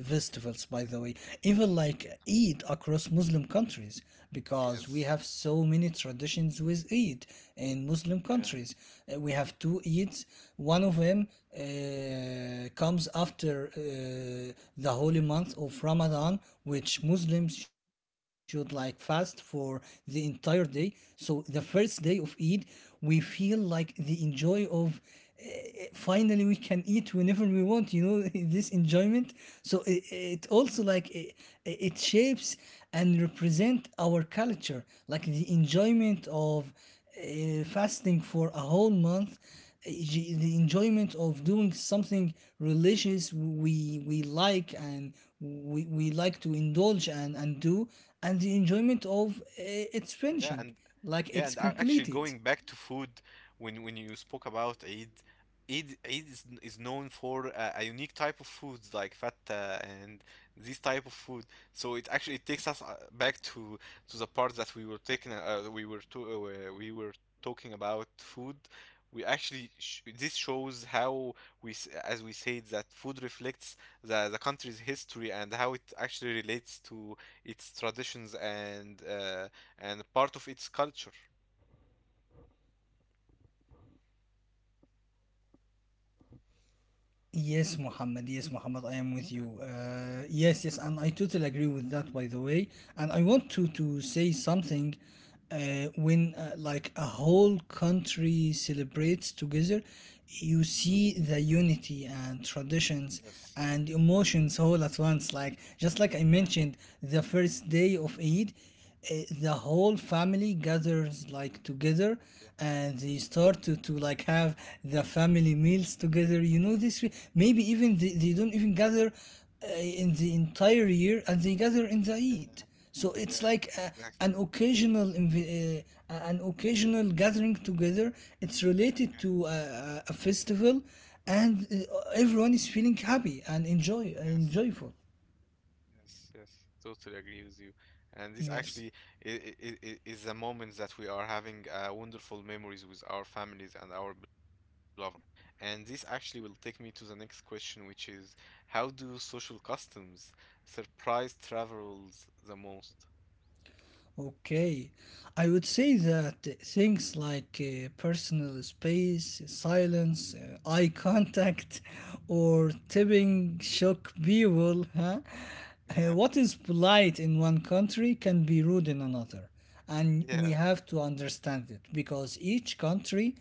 [SPEAKER 2] festivals, by the way. Even like Eid across Muslim countries, because we
[SPEAKER 1] Yes.
[SPEAKER 2] have so many traditions with Eid in Muslim
[SPEAKER 1] Yeah.
[SPEAKER 2] countries. We have two Eids. One of them comes after the holy month of Ramadan, which Muslims should like fast for the entire day. So the first day of Eid, we feel like the enjoy of uh, finally we can eat whenever we want, this enjoyment. So it also like it shapes and represent our culture, like the enjoyment of fasting for a whole month, the enjoyment of doing something religious we like, and we like to indulge and do, and the enjoyment of its
[SPEAKER 1] Yeah,
[SPEAKER 2] finishing,
[SPEAKER 1] and
[SPEAKER 2] like
[SPEAKER 1] yeah,
[SPEAKER 2] it's
[SPEAKER 1] and actually
[SPEAKER 2] completed.
[SPEAKER 1] going back to food, when you spoke about Eid, Eid is known for a unique type of foods like fatta and these type of food. So it actually it takes us back to the part that we were taking, we were talking about food. We actually sh this shows how we, as we said, that food reflects the country's history and how it actually relates to its traditions and part of its culture.
[SPEAKER 2] Yes, Muhammad. Yes, Muhammad. I am with
[SPEAKER 1] Yeah.
[SPEAKER 2] you. Yes, yes, and I totally agree with that. By the way, and I want to say something. When like a whole country celebrates together, you see
[SPEAKER 1] Yeah.
[SPEAKER 2] the unity and traditions
[SPEAKER 1] Yes.
[SPEAKER 2] and emotions all at once. Like, just like I
[SPEAKER 1] Yeah.
[SPEAKER 2] mentioned, the first day of Eid, the whole family gathers like together,
[SPEAKER 1] Yeah.
[SPEAKER 2] and they start to, like have the family meals together, you know. This way maybe even they don't even gather in the entire year, and they gather in the
[SPEAKER 1] Yeah.
[SPEAKER 2] eid. So
[SPEAKER 1] Yeah.
[SPEAKER 2] it's like
[SPEAKER 1] Exactly.
[SPEAKER 2] an an occasional gathering together, it's related
[SPEAKER 1] Yeah.
[SPEAKER 2] to a festival, and
[SPEAKER 1] Yeah.
[SPEAKER 2] everyone is feeling happy and
[SPEAKER 1] Yes.
[SPEAKER 2] enjoyful.
[SPEAKER 1] Yes. Yes. Totally agree with you. And this
[SPEAKER 2] Yes.
[SPEAKER 1] actually is the moments that we are having wonderful memories with our families and our beloved ones. And this actually will take me to the next question, which is, how do social customs surprise travelers the most?
[SPEAKER 2] Okay, I would say that things like personal space, silence, eye contact, or tipping shock people. Huh?
[SPEAKER 1] Yeah.
[SPEAKER 2] What is polite in one country can be rude in another, and we
[SPEAKER 1] Yeah.
[SPEAKER 2] have to understand it because each country,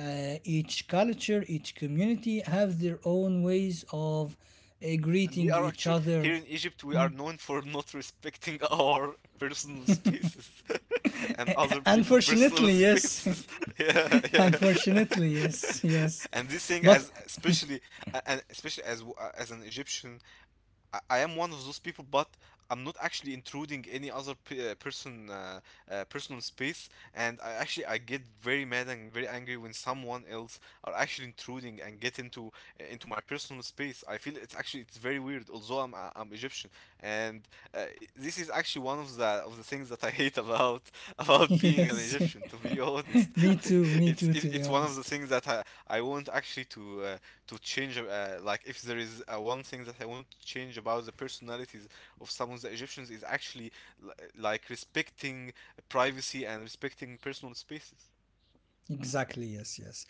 [SPEAKER 2] each culture, each community have their own ways of
[SPEAKER 1] And we
[SPEAKER 2] greeting
[SPEAKER 1] are
[SPEAKER 2] each
[SPEAKER 1] actually here
[SPEAKER 2] other.
[SPEAKER 1] in Egypt, we are known for not respecting our personal spaces and other people' personal
[SPEAKER 2] Unfortunately, yes.
[SPEAKER 1] spaces. yeah, yeah.
[SPEAKER 2] Unfortunately, yes, yes.
[SPEAKER 1] and this thing,
[SPEAKER 2] But
[SPEAKER 1] as especially and especially as an Egyptian, I am one of those people, but I'm not actually intruding any other person personal space. And I actually I get very mad and very angry when someone else are actually intruding and get into my personal space. I feel it's actually it's very weird. Although I'm Egyptian, and this is actually one of the things that I hate about about being an
[SPEAKER 2] yes,
[SPEAKER 1] Egyptian. To be honest,
[SPEAKER 2] me too, to be
[SPEAKER 1] it's one of the
[SPEAKER 2] honest.
[SPEAKER 1] things that I want actually to. To change like if there is one thing that I want to change about the personalities of some of the egyptians is actually li- like respecting privacy and respecting personal spaces.
[SPEAKER 2] Exactly, yes, yes.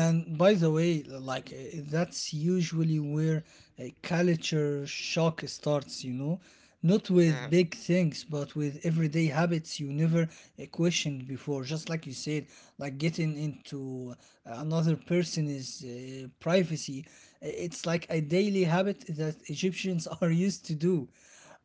[SPEAKER 1] Yeah,
[SPEAKER 2] by the way, like, that's usually where a culture shock starts, you know, not with
[SPEAKER 1] yeah.
[SPEAKER 2] big things, but with everyday habits you never questioned before. Just like you said, like getting into another person's privacy. Eh, it's like a daily habit that Egyptians are used to do,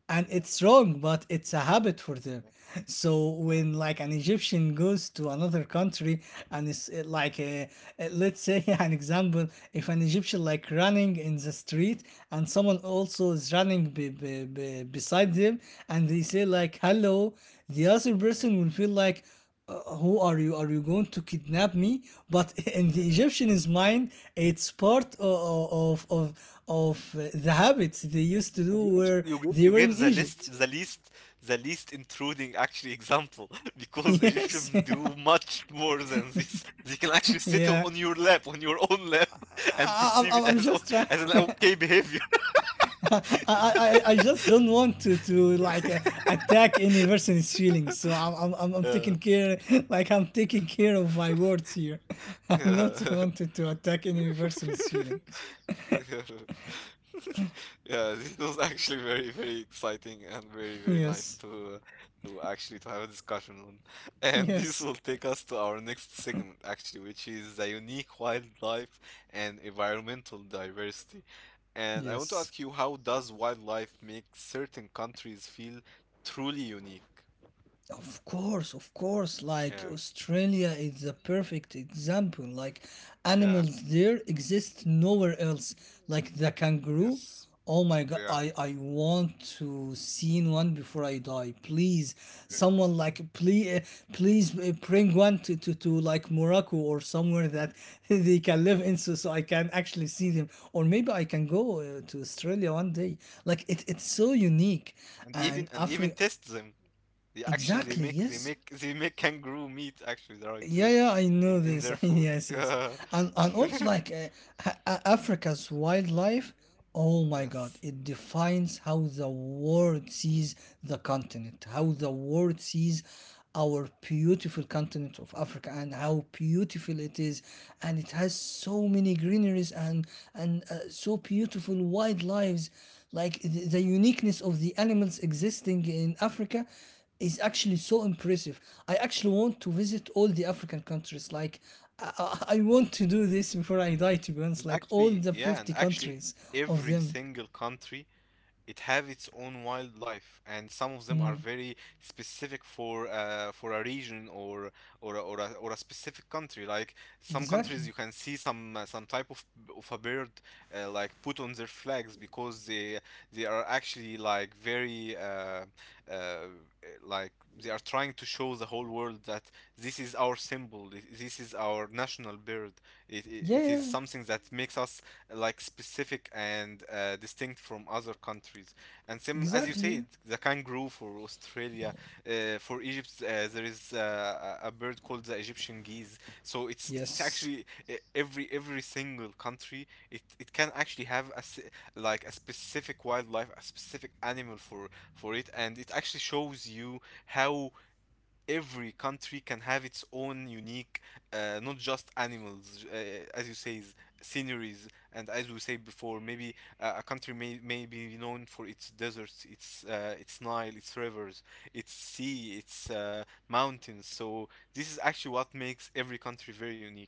[SPEAKER 2] and it's wrong, but it's a habit for them. So
[SPEAKER 1] Yeah, yeah, yeah,
[SPEAKER 2] when like an egyptian goes to another country, and it's let's say an example, if an egyptian like running in the street and someone
[SPEAKER 1] yeah,
[SPEAKER 2] also is running beside them, and they say
[SPEAKER 1] yeah,
[SPEAKER 2] like hello, the other person will feel like, who are you? Are you going to kidnap me? But in
[SPEAKER 1] yeah,
[SPEAKER 2] the
[SPEAKER 1] yeah.
[SPEAKER 2] Egyptian's mind, it's part of the habits they used to
[SPEAKER 1] And
[SPEAKER 2] do
[SPEAKER 1] you actually
[SPEAKER 2] where they
[SPEAKER 1] you
[SPEAKER 2] were in
[SPEAKER 1] give the
[SPEAKER 2] Egypt.
[SPEAKER 1] list the least intruding actually example because egyptians
[SPEAKER 2] Yes.
[SPEAKER 1] do much more than this. They can actually sit on
[SPEAKER 2] Yeah.
[SPEAKER 1] your lap, on your own lap, and
[SPEAKER 2] I,
[SPEAKER 1] perceive
[SPEAKER 2] I, I'm,
[SPEAKER 1] it
[SPEAKER 2] I'm
[SPEAKER 1] as
[SPEAKER 2] just trying.
[SPEAKER 1] as an okay behavior.
[SPEAKER 2] I, I just don't want to like attack any person's feelings. So I'm
[SPEAKER 1] Yeah.
[SPEAKER 2] taking care like I'm taking care of my words here. I'm not
[SPEAKER 1] Yeah.
[SPEAKER 2] wanted to attack any person's feelings.
[SPEAKER 1] Yeah, yeah, it was actually very, very exciting and very, very nice
[SPEAKER 2] Yes,
[SPEAKER 1] to actually to have a discussion on. And this
[SPEAKER 2] yes,
[SPEAKER 1] will take us to our next segment actually, which is the unique wildlife and environmental diversity. And I want to
[SPEAKER 2] yes.
[SPEAKER 1] ask you, how does wildlife make certain countries feel truly unique?
[SPEAKER 2] Of course, of course. Like
[SPEAKER 1] Yeah.
[SPEAKER 2] Australia is a perfect example. Like
[SPEAKER 1] Yeah.
[SPEAKER 2] animals there exist nowhere else. Like the kangaroo.
[SPEAKER 1] Yes.
[SPEAKER 2] Oh my god,
[SPEAKER 1] Yeah.
[SPEAKER 2] I want to see one before I die. Please,
[SPEAKER 1] Yeah.
[SPEAKER 2] someone
[SPEAKER 1] Mm.
[SPEAKER 2] like please please bring one to, to like Morocco or somewhere that they can live in, so so I can actually see them. Or maybe I can go to Australia one day. Like it's so unique.
[SPEAKER 1] And even,
[SPEAKER 2] And
[SPEAKER 1] and even
[SPEAKER 2] Africa.
[SPEAKER 1] test them. They actually they
[SPEAKER 2] Exactly,
[SPEAKER 1] make
[SPEAKER 2] yes.
[SPEAKER 1] they make kangaroo meat actually right
[SPEAKER 2] Yeah,
[SPEAKER 1] there
[SPEAKER 2] yeah, I know
[SPEAKER 1] in
[SPEAKER 2] this.
[SPEAKER 1] their food.
[SPEAKER 2] Yes, yes, and also like Africa's wildlife. Oh my God!
[SPEAKER 1] Yes.
[SPEAKER 2] It defines how the world sees the continent, how the world sees our beautiful continent of Africa, and how beautiful it is, and it has so many greeneries and so beautiful wildlives. Like the uniqueness of the animals existing in Africa is actually so impressive. I actually want to visit all the African countries. Like, I want to do this before I die, to be honest.
[SPEAKER 1] And
[SPEAKER 2] Like, all
[SPEAKER 1] actually,
[SPEAKER 2] the
[SPEAKER 1] yeah, and
[SPEAKER 2] 50
[SPEAKER 1] actually
[SPEAKER 2] countries of
[SPEAKER 1] every
[SPEAKER 2] them.
[SPEAKER 1] single country, it have its own wildlife, and some of them are
[SPEAKER 2] Mm,
[SPEAKER 1] very specific for a region or or a specific country. Like some countries
[SPEAKER 2] exactly.
[SPEAKER 1] you can see some type of a bird like put on their flags, because they are actually like very uh, like they are trying to show the whole world that this is our symbol, this is our national bird. it, it,
[SPEAKER 2] Yeah,
[SPEAKER 1] it is
[SPEAKER 2] yeah,
[SPEAKER 1] something that makes us like specific and distinct from other countries. And same as you
[SPEAKER 2] exactly.
[SPEAKER 1] said,
[SPEAKER 2] Yeah.
[SPEAKER 1] the kangaroo for Australia, for Egypt, there is a bird called the Egyptian geese. So it's
[SPEAKER 2] Yes,
[SPEAKER 1] actually every single country, it can actually have a like a specific wildlife, a specific animal for it, and it actually shows you how every country can have its own unique, not just animals, as you say, sceneries, and as we said before, maybe a country may be known for its deserts, its Nile, its rivers, its sea, its mountains. So this is actually what makes every country very unique.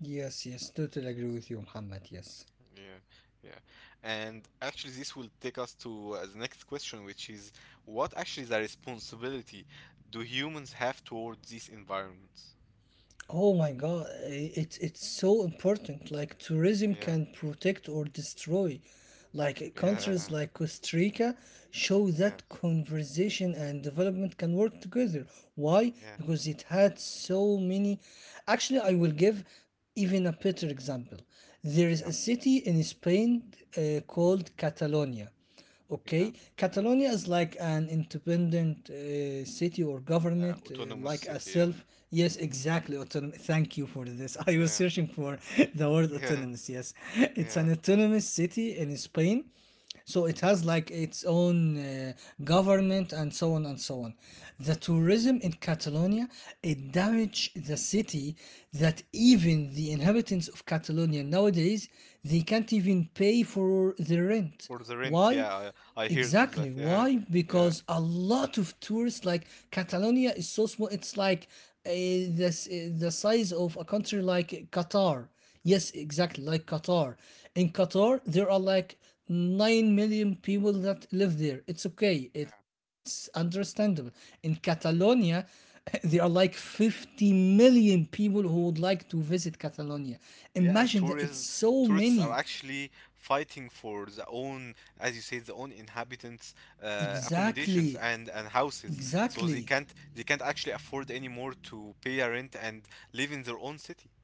[SPEAKER 2] yes, yes. Totally agree with you, Muhammad. Yes.
[SPEAKER 1] Yeah, yeah. And actually, this will take us to the next question, which is, what actually is the responsibility do humans have towards these environments?
[SPEAKER 2] Oh my God, it's so important. Like tourism
[SPEAKER 1] Yeah.
[SPEAKER 2] can protect or destroy. Like countries
[SPEAKER 1] Yeah.
[SPEAKER 2] like Costa Rica show that
[SPEAKER 1] Yeah.
[SPEAKER 2] conversation and development can work together. Why?
[SPEAKER 1] Yeah.
[SPEAKER 2] Because it had so many. Actually, I will give even a better example. There is
[SPEAKER 1] Yeah.
[SPEAKER 2] a city in Spain
[SPEAKER 1] Mhm.
[SPEAKER 2] called Catalonia. Okay,
[SPEAKER 1] Yeah.
[SPEAKER 2] Catalonia is like an independent city or
[SPEAKER 1] Yeah.
[SPEAKER 2] governorate,
[SPEAKER 1] Autonomous
[SPEAKER 2] like a
[SPEAKER 1] city. Yeah.
[SPEAKER 2] self. Yes, exactly. Thank you for this. I was
[SPEAKER 1] Yeah.
[SPEAKER 2] searching for the word
[SPEAKER 1] Yeah.
[SPEAKER 2] autonomous. Yes, it's
[SPEAKER 1] Yeah.
[SPEAKER 2] an autonomous city in Spain. So it has like its own government and so on and so on. The tourism in Catalonia, it damaged the city, that even the inhabitants of Catalonia nowadays they can't even pay for the rent.
[SPEAKER 1] For the rent.
[SPEAKER 2] Why?
[SPEAKER 1] Yeah. I heard of
[SPEAKER 2] Exactly.
[SPEAKER 1] that. Yeah.
[SPEAKER 2] Why?
[SPEAKER 1] Yeah.
[SPEAKER 2] Because a lot of tourists, like Catalonia is so small, it's like the size of a country like Qatar. Yes, exactly, like Qatar. In Qatar, there are like 9 million people that live there. It's okay,
[SPEAKER 1] Yeah.
[SPEAKER 2] it's understandable. In Catalonia,
[SPEAKER 1] Yeah.
[SPEAKER 2] there are like 50 million people who would like to visit Catalonia.
[SPEAKER 1] Yeah. And
[SPEAKER 2] Imagine that, it's
[SPEAKER 1] tourists
[SPEAKER 2] so
[SPEAKER 1] tourists are
[SPEAKER 2] many.
[SPEAKER 1] actually fighting for their own, as you say, their own inhabitants' accommodations
[SPEAKER 2] Exactly.
[SPEAKER 1] and houses. So they
[SPEAKER 2] Exactly.
[SPEAKER 1] can't they can't actually afford anymore to pay a rent and live in their own city.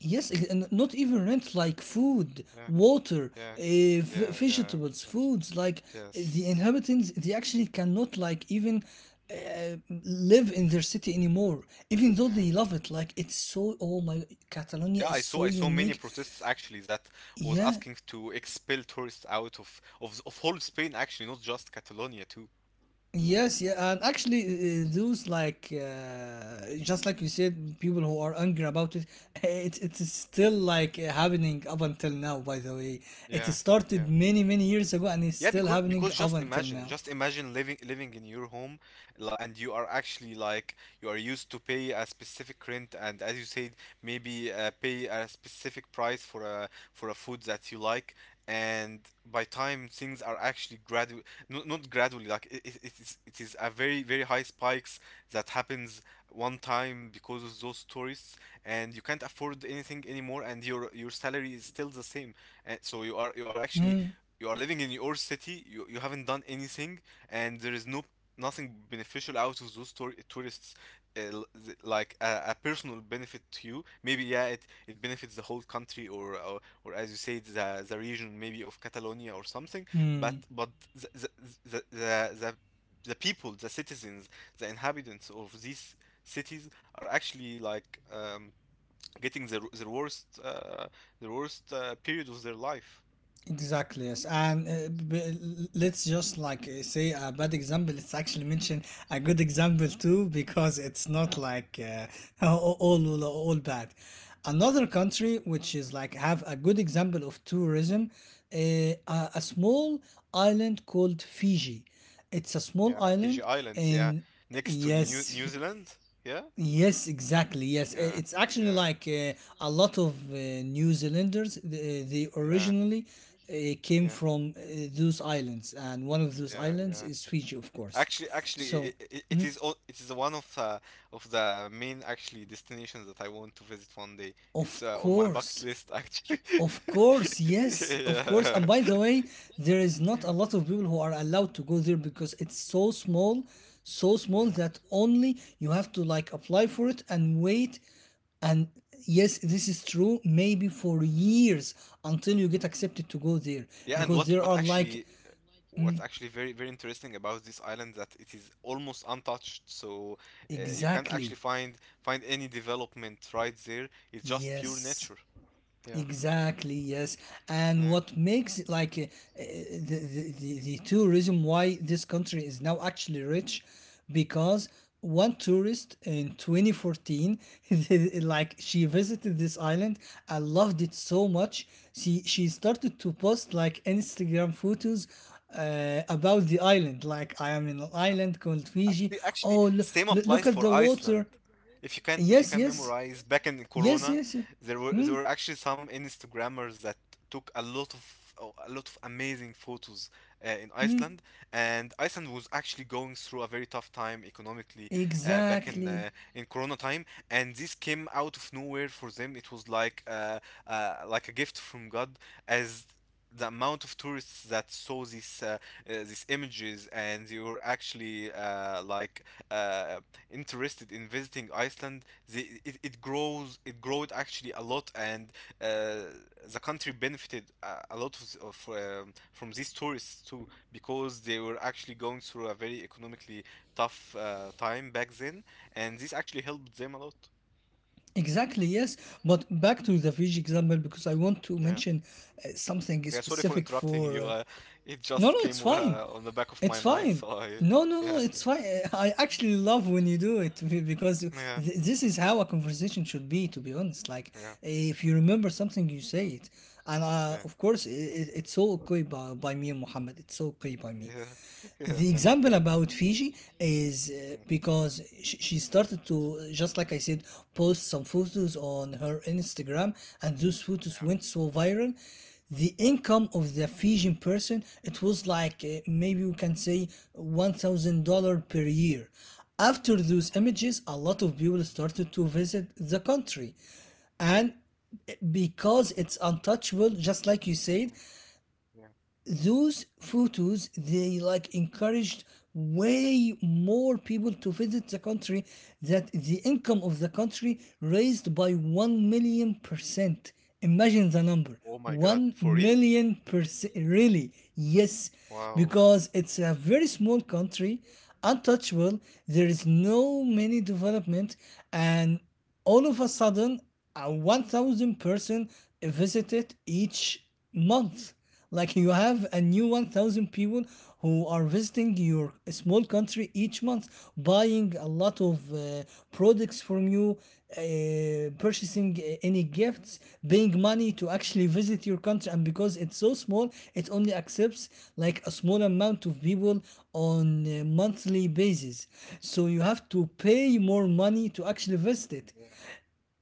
[SPEAKER 2] Yes, ex- and not even rent, like food,
[SPEAKER 1] Yeah.
[SPEAKER 2] water,
[SPEAKER 1] Yeah. Yeah, yeah.
[SPEAKER 2] vegetables, foods. Like the
[SPEAKER 1] Yes.
[SPEAKER 2] inhabitants, they actually cannot like even uh, live in their city anymore, even though
[SPEAKER 1] Yeah.
[SPEAKER 2] they love it. Like it's so. Oh my, Catalonia
[SPEAKER 1] Yeah, I
[SPEAKER 2] is
[SPEAKER 1] saw
[SPEAKER 2] so
[SPEAKER 1] I saw many
[SPEAKER 2] unique.
[SPEAKER 1] protests actually that was
[SPEAKER 2] Yeah,
[SPEAKER 1] asking to expel tourists out of whole Spain actually, not just Catalonia too.
[SPEAKER 2] yes, yeah, and actually, those like just like you said, people who are angry about it, it it's still like happening up until now. By the way, it
[SPEAKER 1] Yeah,
[SPEAKER 2] started
[SPEAKER 1] yeah.
[SPEAKER 2] many many years ago, and it's
[SPEAKER 1] Yeah,
[SPEAKER 2] still
[SPEAKER 1] because
[SPEAKER 2] happening
[SPEAKER 1] because
[SPEAKER 2] up until now.
[SPEAKER 1] just imagine living in your home, and you are actually like you are used to pay a specific rent, and as you said, maybe pay a specific price for a food that you like. And by time things are actually gradual, not gradually, like it is, it is a very very high spikes that happens one time because of those tourists, and you can't afford anything anymore, and your salary is still the same, and so you are actually, you are living in your city, you haven't done anything, and there is no nothing beneficial out of those tourists, like a personal benefit to you. Maybe, yeah, it benefits the whole country, or, or as you say, the region maybe of Catalonia or something,
[SPEAKER 2] Mm-hmm.
[SPEAKER 1] but the the the, the, the the people, the citizens, the inhabitants of these cities are actually like getting the worst period of their life.
[SPEAKER 2] Exactly, yes. And let's just like say a bad example. Let's actually mention a good example too, because it's
[SPEAKER 1] Yeah.
[SPEAKER 2] not like all, all bad. Another country which is like have a good example of tourism, a small island called Fiji. It's a small
[SPEAKER 1] Yeah, Fiji
[SPEAKER 2] island,
[SPEAKER 1] Islands, yeah.
[SPEAKER 2] and
[SPEAKER 1] Next to New
[SPEAKER 2] yes.
[SPEAKER 1] Zealand, yeah?
[SPEAKER 2] Yes, exactly. Yes,
[SPEAKER 1] Yeah,
[SPEAKER 2] it's actually
[SPEAKER 1] yeah,
[SPEAKER 2] like a lot of New Zealanders. They
[SPEAKER 1] yeah,
[SPEAKER 2] originally came
[SPEAKER 1] yeah,
[SPEAKER 2] from those islands, and one of those
[SPEAKER 1] yeah,
[SPEAKER 2] islands
[SPEAKER 1] yeah.
[SPEAKER 2] is Fiji, of course.
[SPEAKER 1] Actually, actually,
[SPEAKER 2] So,
[SPEAKER 1] it is it is one of the main actually destinations that I want to visit one day.
[SPEAKER 2] of
[SPEAKER 1] It's on my bucket
[SPEAKER 2] course.
[SPEAKER 1] list actually.
[SPEAKER 2] Of course, yes, of course.
[SPEAKER 1] Yeah.
[SPEAKER 2] And by the way, there is not a lot of people who are allowed to go there because it's so small
[SPEAKER 1] Yeah.
[SPEAKER 2] that only you have to like apply for it and wait. And yes, this is true, maybe for years until you get accepted to go there,
[SPEAKER 1] Yeah, and
[SPEAKER 2] because
[SPEAKER 1] what
[SPEAKER 2] there
[SPEAKER 1] what
[SPEAKER 2] are like
[SPEAKER 1] actually what's actually very very interesting about this island, that it is almost untouched, so you can't actually
[SPEAKER 2] exactly,
[SPEAKER 1] find any development right there. It's just pure
[SPEAKER 2] yes.
[SPEAKER 1] nature. Yeah,
[SPEAKER 2] Exactly, yes. And
[SPEAKER 1] yeah.
[SPEAKER 2] what makes it like the tourism, why this country is now actually rich, because one tourist in 2014 like she visited this island and loved it so much, she started to post like instagram photos about the island, like I am in an island called Fiji.
[SPEAKER 1] Actually, actually,
[SPEAKER 2] Oh
[SPEAKER 1] same
[SPEAKER 2] lo-
[SPEAKER 1] applies
[SPEAKER 2] look at
[SPEAKER 1] for
[SPEAKER 2] the
[SPEAKER 1] Iceland.
[SPEAKER 2] water.
[SPEAKER 1] If you
[SPEAKER 2] Yes,
[SPEAKER 1] can
[SPEAKER 2] yes,
[SPEAKER 1] memorize back in
[SPEAKER 2] yes,
[SPEAKER 1] Corona,
[SPEAKER 2] yes, yes.
[SPEAKER 1] there were actually some Instagrammers that took a lot of, a lot of amazing photos in Iceland, and Iceland was actually going through a very tough time economically back
[SPEAKER 2] Exactly.
[SPEAKER 1] in Corona time, and this came out of nowhere for them. It was like a gift from God, as the amount of tourists that saw these images, and you were actually like uh, interested in visiting Iceland, it grows, it growed actually a lot, and uh, the country benefited a lot of from these tourists too, because they were actually going through a very economically tough time back then, and this actually helped them a lot.
[SPEAKER 2] Exactly, yes. But back to the Fiji example, because I want to
[SPEAKER 1] Yeah. Yeah.
[SPEAKER 2] mention something
[SPEAKER 1] Yeah, sorry for
[SPEAKER 2] specific
[SPEAKER 1] interrupting
[SPEAKER 2] for.
[SPEAKER 1] you. It
[SPEAKER 2] No,
[SPEAKER 1] just
[SPEAKER 2] no, it's
[SPEAKER 1] came
[SPEAKER 2] fine.
[SPEAKER 1] on the back of my
[SPEAKER 2] It's
[SPEAKER 1] mind,
[SPEAKER 2] fine.
[SPEAKER 1] so I.
[SPEAKER 2] No, no, no,
[SPEAKER 1] Yeah, yeah.
[SPEAKER 2] it's fine. I actually love when you do it, because
[SPEAKER 1] Yeah. th-
[SPEAKER 2] this is how a conversation should be, to be honest. Like,
[SPEAKER 1] Yeah.
[SPEAKER 2] if you remember something, you say it. And of course, it's all okay by me and Muhammad. It's all okay by me.
[SPEAKER 1] Honest. Yeah. Yeah. Yeah,
[SPEAKER 2] The
[SPEAKER 1] thank you.
[SPEAKER 2] example about Fiji is
[SPEAKER 1] Mm.
[SPEAKER 2] because she started to, just like I said, post some photos on her Instagram, and those photos
[SPEAKER 1] Yeah.
[SPEAKER 2] went so viral. The income of the Fijian person, it was like maybe we can say $1,000 per year. After those
[SPEAKER 1] Wow.
[SPEAKER 2] images, a lot of people
[SPEAKER 1] Mm,
[SPEAKER 2] started to visit the country, and because it's untouchable, just like you said,
[SPEAKER 1] mm, mm. Yeah.
[SPEAKER 2] those photos they like encouraged way more people to visit the country that the income of the country raised by 1 %. Imagine the number.
[SPEAKER 1] Oh my god.
[SPEAKER 2] 1
[SPEAKER 1] For real?
[SPEAKER 2] %, really, yes,
[SPEAKER 1] Wow.
[SPEAKER 2] because it's a very small country, untouchable, there is no many development. And all of a sudden, 1000-person visited each month. Like you have a new 1000 people who are visiting your small country each month, buying a lot of products from you, purchasing any gifts, paying money to actually visit your country. And because it's so small, it only accepts like a small amount of people on a monthly basis, so you
[SPEAKER 1] Yeah.
[SPEAKER 2] have to pay more money to actually visit it.
[SPEAKER 1] Yeah.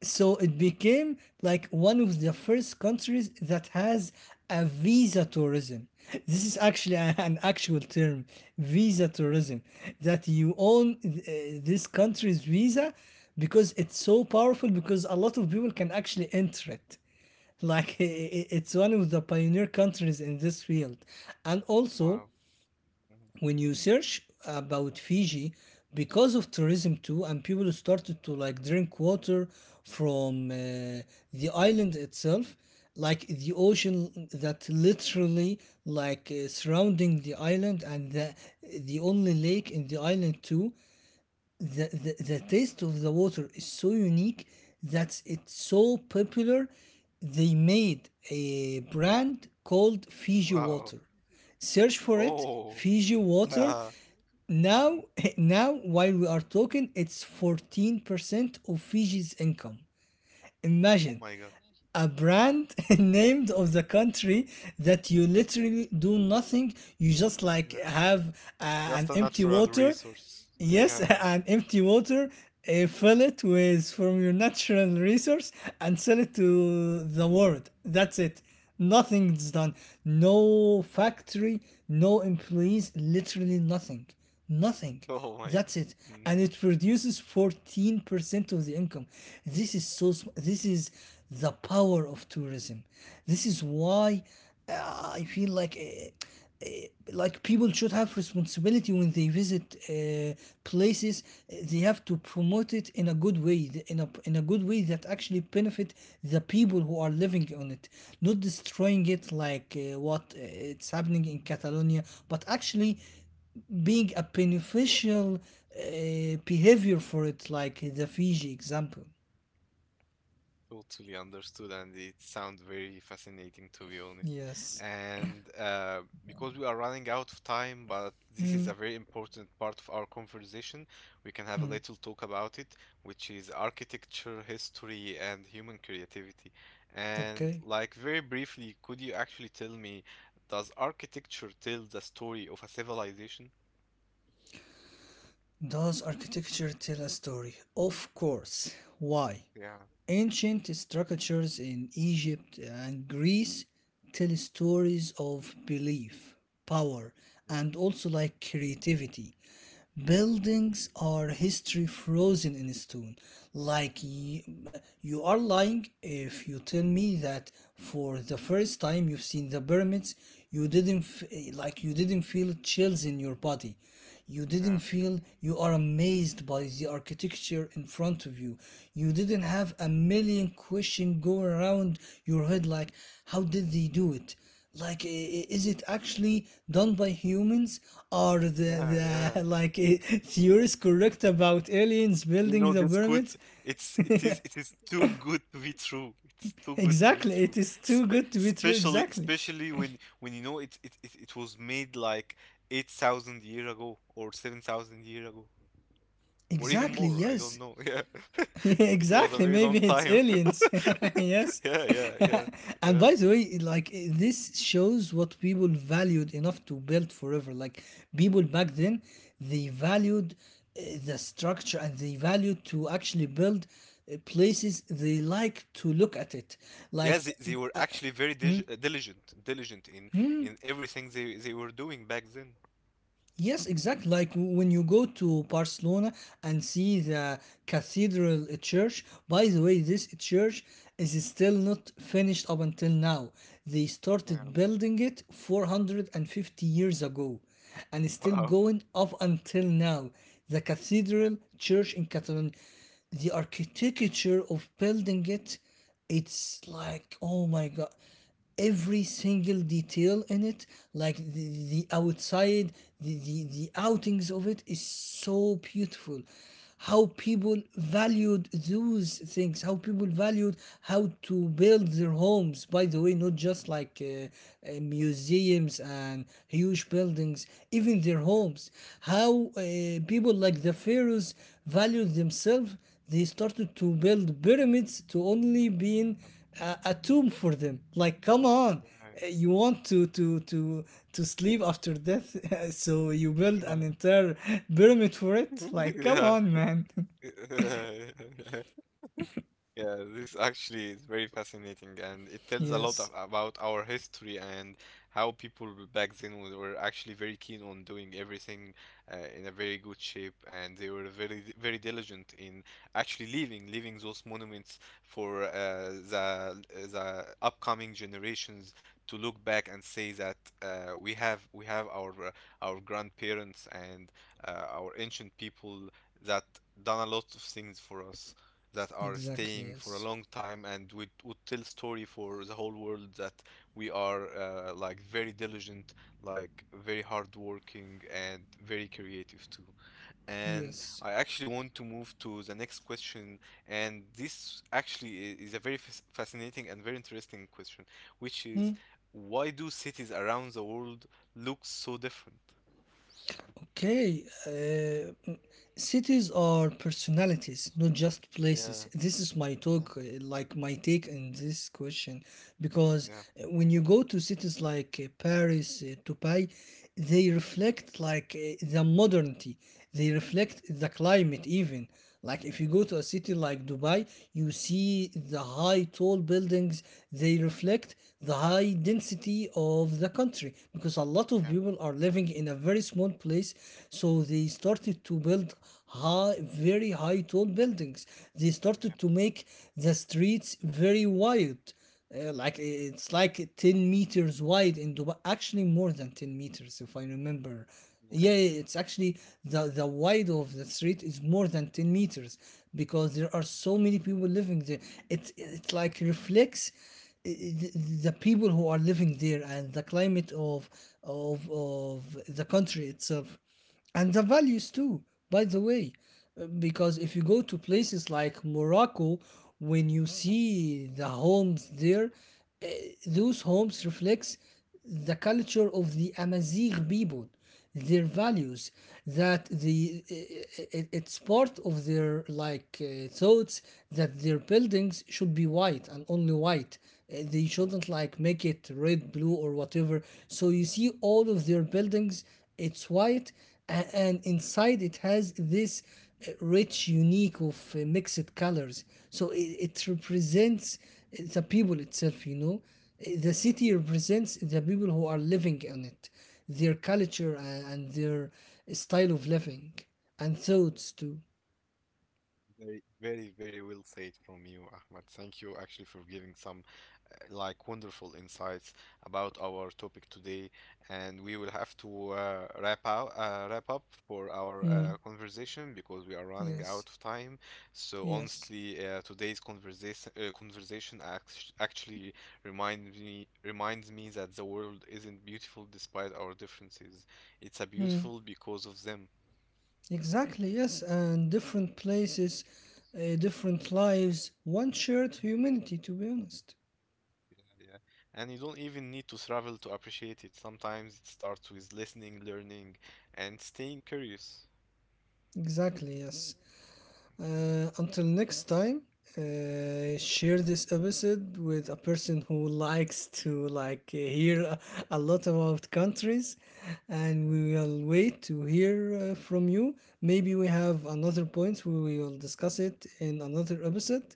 [SPEAKER 2] So it became like one of the first countries that has a visa tourism. This is actually an actual term, visa tourism, that you own this country's visa, because it's so powerful, because a lot of people can actually enter it.
[SPEAKER 1] Yeah.
[SPEAKER 2] Like it's one of the pioneer countries in this field. And also,
[SPEAKER 1] Wow. Mhm.
[SPEAKER 2] when you search about Fiji, because of tourism too, and people started to like drink water from the island itself, like the ocean that literally like surrounding the island, and the only lake in the island too. The taste of the water is so unique that it's so popular. They made a brand called Fiji
[SPEAKER 1] Wow. Are
[SPEAKER 2] Water.
[SPEAKER 1] you —
[SPEAKER 2] Search for it,
[SPEAKER 1] oh.
[SPEAKER 2] Fiji Water.
[SPEAKER 1] Yeah.
[SPEAKER 2] Now,
[SPEAKER 1] Mhm.
[SPEAKER 2] now while we are talking, it's 14% of Fiji's income.
[SPEAKER 1] Oh
[SPEAKER 2] Imagine
[SPEAKER 1] my god.
[SPEAKER 2] a
[SPEAKER 1] Mhm.
[SPEAKER 2] brand named of the country, that you literally do nothing. You just like
[SPEAKER 1] Yeah.
[SPEAKER 2] have uh, an
[SPEAKER 1] Just a
[SPEAKER 2] empty
[SPEAKER 1] natural
[SPEAKER 2] water.
[SPEAKER 1] resource.
[SPEAKER 2] Yes,
[SPEAKER 1] Yeah.
[SPEAKER 2] and empty water, fill it with from your natural resource and sell it to the world. That's it. Nothing's done. No factory, no employees, literally nothing. Nothing.
[SPEAKER 1] Oh my god.
[SPEAKER 2] That's it.
[SPEAKER 1] Mm,
[SPEAKER 2] And it produces 14% of the income. This is the power of tourism. This is why I feel like people should have responsibility when they visit places. They have to promote it in a good way, in a good way that actually benefit the people who are living on it, not destroying it like what it's happening in Catalonia, but actually being a beneficial behavior for it, like the Fiji example.
[SPEAKER 1] totally understood, and it sounds very fascinating to be honest.
[SPEAKER 2] Yes.
[SPEAKER 1] And because we are running out of time, but this is a very important part of our conversation, we can have a little talk about it, which is architecture, history, and human creativity. And
[SPEAKER 2] Okay.
[SPEAKER 1] like very briefly, could you actually tell me, does architecture tell the story of a civilization?
[SPEAKER 2] Does architecture tell a story? Of course. Why?
[SPEAKER 1] Yeah,
[SPEAKER 2] Ancient structures in Egypt and Greece tell stories of belief, power,
[SPEAKER 1] yeah,
[SPEAKER 2] and also like creativity. Buildings are history frozen in stone. Like y- you are lying if you tell me that for the first time you've seen the pyramids, you didn't like you didn't feel chills in your body. You didn't
[SPEAKER 1] yeah,
[SPEAKER 2] feel you are amazed by the architecture in front of you. You didn't have a million questions go around your head like how did they do it? Like, is it actually done by humans? Are the
[SPEAKER 1] yeah,
[SPEAKER 2] the
[SPEAKER 1] yeah.
[SPEAKER 2] theories correct about aliens
[SPEAKER 1] You
[SPEAKER 2] building
[SPEAKER 1] know,
[SPEAKER 2] the
[SPEAKER 1] this could —
[SPEAKER 2] pyramids?
[SPEAKER 1] it's it is too good to be true. It's too good to be
[SPEAKER 2] Exactly, it
[SPEAKER 1] true.
[SPEAKER 2] is too
[SPEAKER 1] Spe
[SPEAKER 2] good to be true.
[SPEAKER 1] Especially,
[SPEAKER 2] Exactly,
[SPEAKER 1] especially when you know it was made like 8,000 years ago or 7,000 years ago, or even
[SPEAKER 2] exactly,
[SPEAKER 1] more. I
[SPEAKER 2] yes,
[SPEAKER 1] don't know. Yeah. It was a
[SPEAKER 2] exactly.
[SPEAKER 1] very
[SPEAKER 2] Maybe
[SPEAKER 1] long
[SPEAKER 2] it's
[SPEAKER 1] time ago.
[SPEAKER 2] aliens. Yes.
[SPEAKER 1] Yeah, yeah, yeah.
[SPEAKER 2] And
[SPEAKER 1] Yeah.
[SPEAKER 2] by the way, like this shows what people valued enough to build forever. Like people back then, they valued the structure, and they valued to actually build places they like to look at it.
[SPEAKER 1] Yeah,
[SPEAKER 2] Like
[SPEAKER 1] they were actually very dig diligent, diligent in everything they were doing back then.
[SPEAKER 2] yes,
[SPEAKER 1] Yeah.
[SPEAKER 2] exactly. Like when you go to Barcelona and see the cathedral church. By the way, this church is still not finished up until now. They started
[SPEAKER 1] Yeah.
[SPEAKER 2] building it 450 years ago and it's still
[SPEAKER 1] Wow.
[SPEAKER 2] going up until now. The
[SPEAKER 1] Yeah.
[SPEAKER 2] cathedral church in Catalonia, the architecture of building it, it's like, oh my God, every single detail in it, like the outside, the outings of it is so beautiful. How people valued those things, how people valued how to build their homes, by the way, not just like museums and huge buildings, even their
[SPEAKER 1] Yeah.
[SPEAKER 2] homes. How people like the pharaohs valued themselves, they started to build pyramids to only being
[SPEAKER 1] Yeah.
[SPEAKER 2] a tomb for them. Like, come on,
[SPEAKER 1] Yeah.
[SPEAKER 2] you want to sleep after death, so you build an entire pyramid for it. Like, come
[SPEAKER 1] Yeah.
[SPEAKER 2] on, man.
[SPEAKER 1] Yeah. Yeah, this actually is very fascinating, and it tells a lot of,
[SPEAKER 2] Yes,
[SPEAKER 1] about our history, and how people back then were actually very keen on doing everything in a very good shape, and they were very diligent in actually leaving those monuments for the upcoming generations to look back and say that we have our grandparents and our ancient people that done a lot of things for us, that are
[SPEAKER 2] exactly.
[SPEAKER 1] staying for a
[SPEAKER 2] Yes,
[SPEAKER 1] long time, and we would tell story for the whole world that we are like very diligent, like very hardworking and very creative too. And
[SPEAKER 2] yes.
[SPEAKER 1] I actually want to move to the next question, and this actually is a very fascinating and very interesting question, which
[SPEAKER 2] Hmm?
[SPEAKER 1] is, why do cities around the world look so different?
[SPEAKER 2] Okay, cities are personalities, not just places.
[SPEAKER 1] Yeah.
[SPEAKER 2] This is my
[SPEAKER 1] Mm-hmm.
[SPEAKER 2] talk, like
[SPEAKER 1] Yeah.
[SPEAKER 2] my take in this question, because
[SPEAKER 1] Yeah.
[SPEAKER 2] when you go to cities like Paris, Dubai, they reflect like the modernity. They reflect the climate even. Like if you go
[SPEAKER 1] Mhm.
[SPEAKER 2] to a city like Dubai, you see the high tall buildings, they reflect the high density of the country, because a lot of
[SPEAKER 1] Yeah.
[SPEAKER 2] people are living in a very small place, so they started to build high very high tall buildings. They
[SPEAKER 1] Yeah.
[SPEAKER 2] started to make the streets very wide, like it's like 10 meters wide in Dubai. Actually, more than 10 meters, if I remember.
[SPEAKER 1] Yeah.
[SPEAKER 2] Yeah, yeah, it's actually the wide of the street is more than 10 meters, because there are so many people living there. It
[SPEAKER 1] Yeah.
[SPEAKER 2] like reflects i- the, the people who are living there and the climate of, of the country itself, and the values too, by the way. Because if you go to places like Morocco, when you
[SPEAKER 1] Yeah.
[SPEAKER 2] see the homes there,
[SPEAKER 1] Yeah.
[SPEAKER 2] those homes reflects the culture of the Amazigh people, their
[SPEAKER 1] Yeah,
[SPEAKER 2] values, that the it's part of their like thoughts that their buildings should be white and only white. They
[SPEAKER 1] yeah,
[SPEAKER 2] shouldn't like make it red, blue or whatever. So you see all of their buildings, it's white, and inside it has this rich unique of mixed colors. So it represents the people itself, you know. The
[SPEAKER 1] yeah,
[SPEAKER 2] city represents the people who are living in it, their
[SPEAKER 1] yeah,
[SPEAKER 2] culture and their style of living, and
[SPEAKER 1] yeah.
[SPEAKER 2] thoughts too.
[SPEAKER 1] Very, very, very well said from you, Ahmad. Thank you actually for giving some like wonderful insights about our topic today, and we will have to wrap up for our
[SPEAKER 2] Hmm,
[SPEAKER 1] conversation, because we are running
[SPEAKER 2] yes,
[SPEAKER 1] out of time. So
[SPEAKER 2] yes.
[SPEAKER 1] honestly, today's conversation, actually reminds me, reminds me that the world isn't beautiful despite our differences. It's a
[SPEAKER 2] Hmm,
[SPEAKER 1] beautiful because of them.
[SPEAKER 2] exactly, yes, and different places, different lives, one shared humanity, to be honest.
[SPEAKER 1] Yeah. And you don't even need to travel to appreciate it. Sometimes it starts with listening, learning, and staying curious.
[SPEAKER 2] Exactly, yes.
[SPEAKER 1] Yeah.
[SPEAKER 2] Until next time, share this episode with a person who likes to like hear a lot about countries, and
[SPEAKER 1] Yeah.
[SPEAKER 2] we will wait to hear from you. Maybe we have another point where we will discuss it in another episode.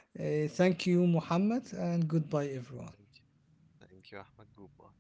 [SPEAKER 2] Thank you, Muhammad, and goodbye,
[SPEAKER 1] Yeah.
[SPEAKER 2] everyone.
[SPEAKER 1] Thank you. Thank you, Ahmed. Goodbye.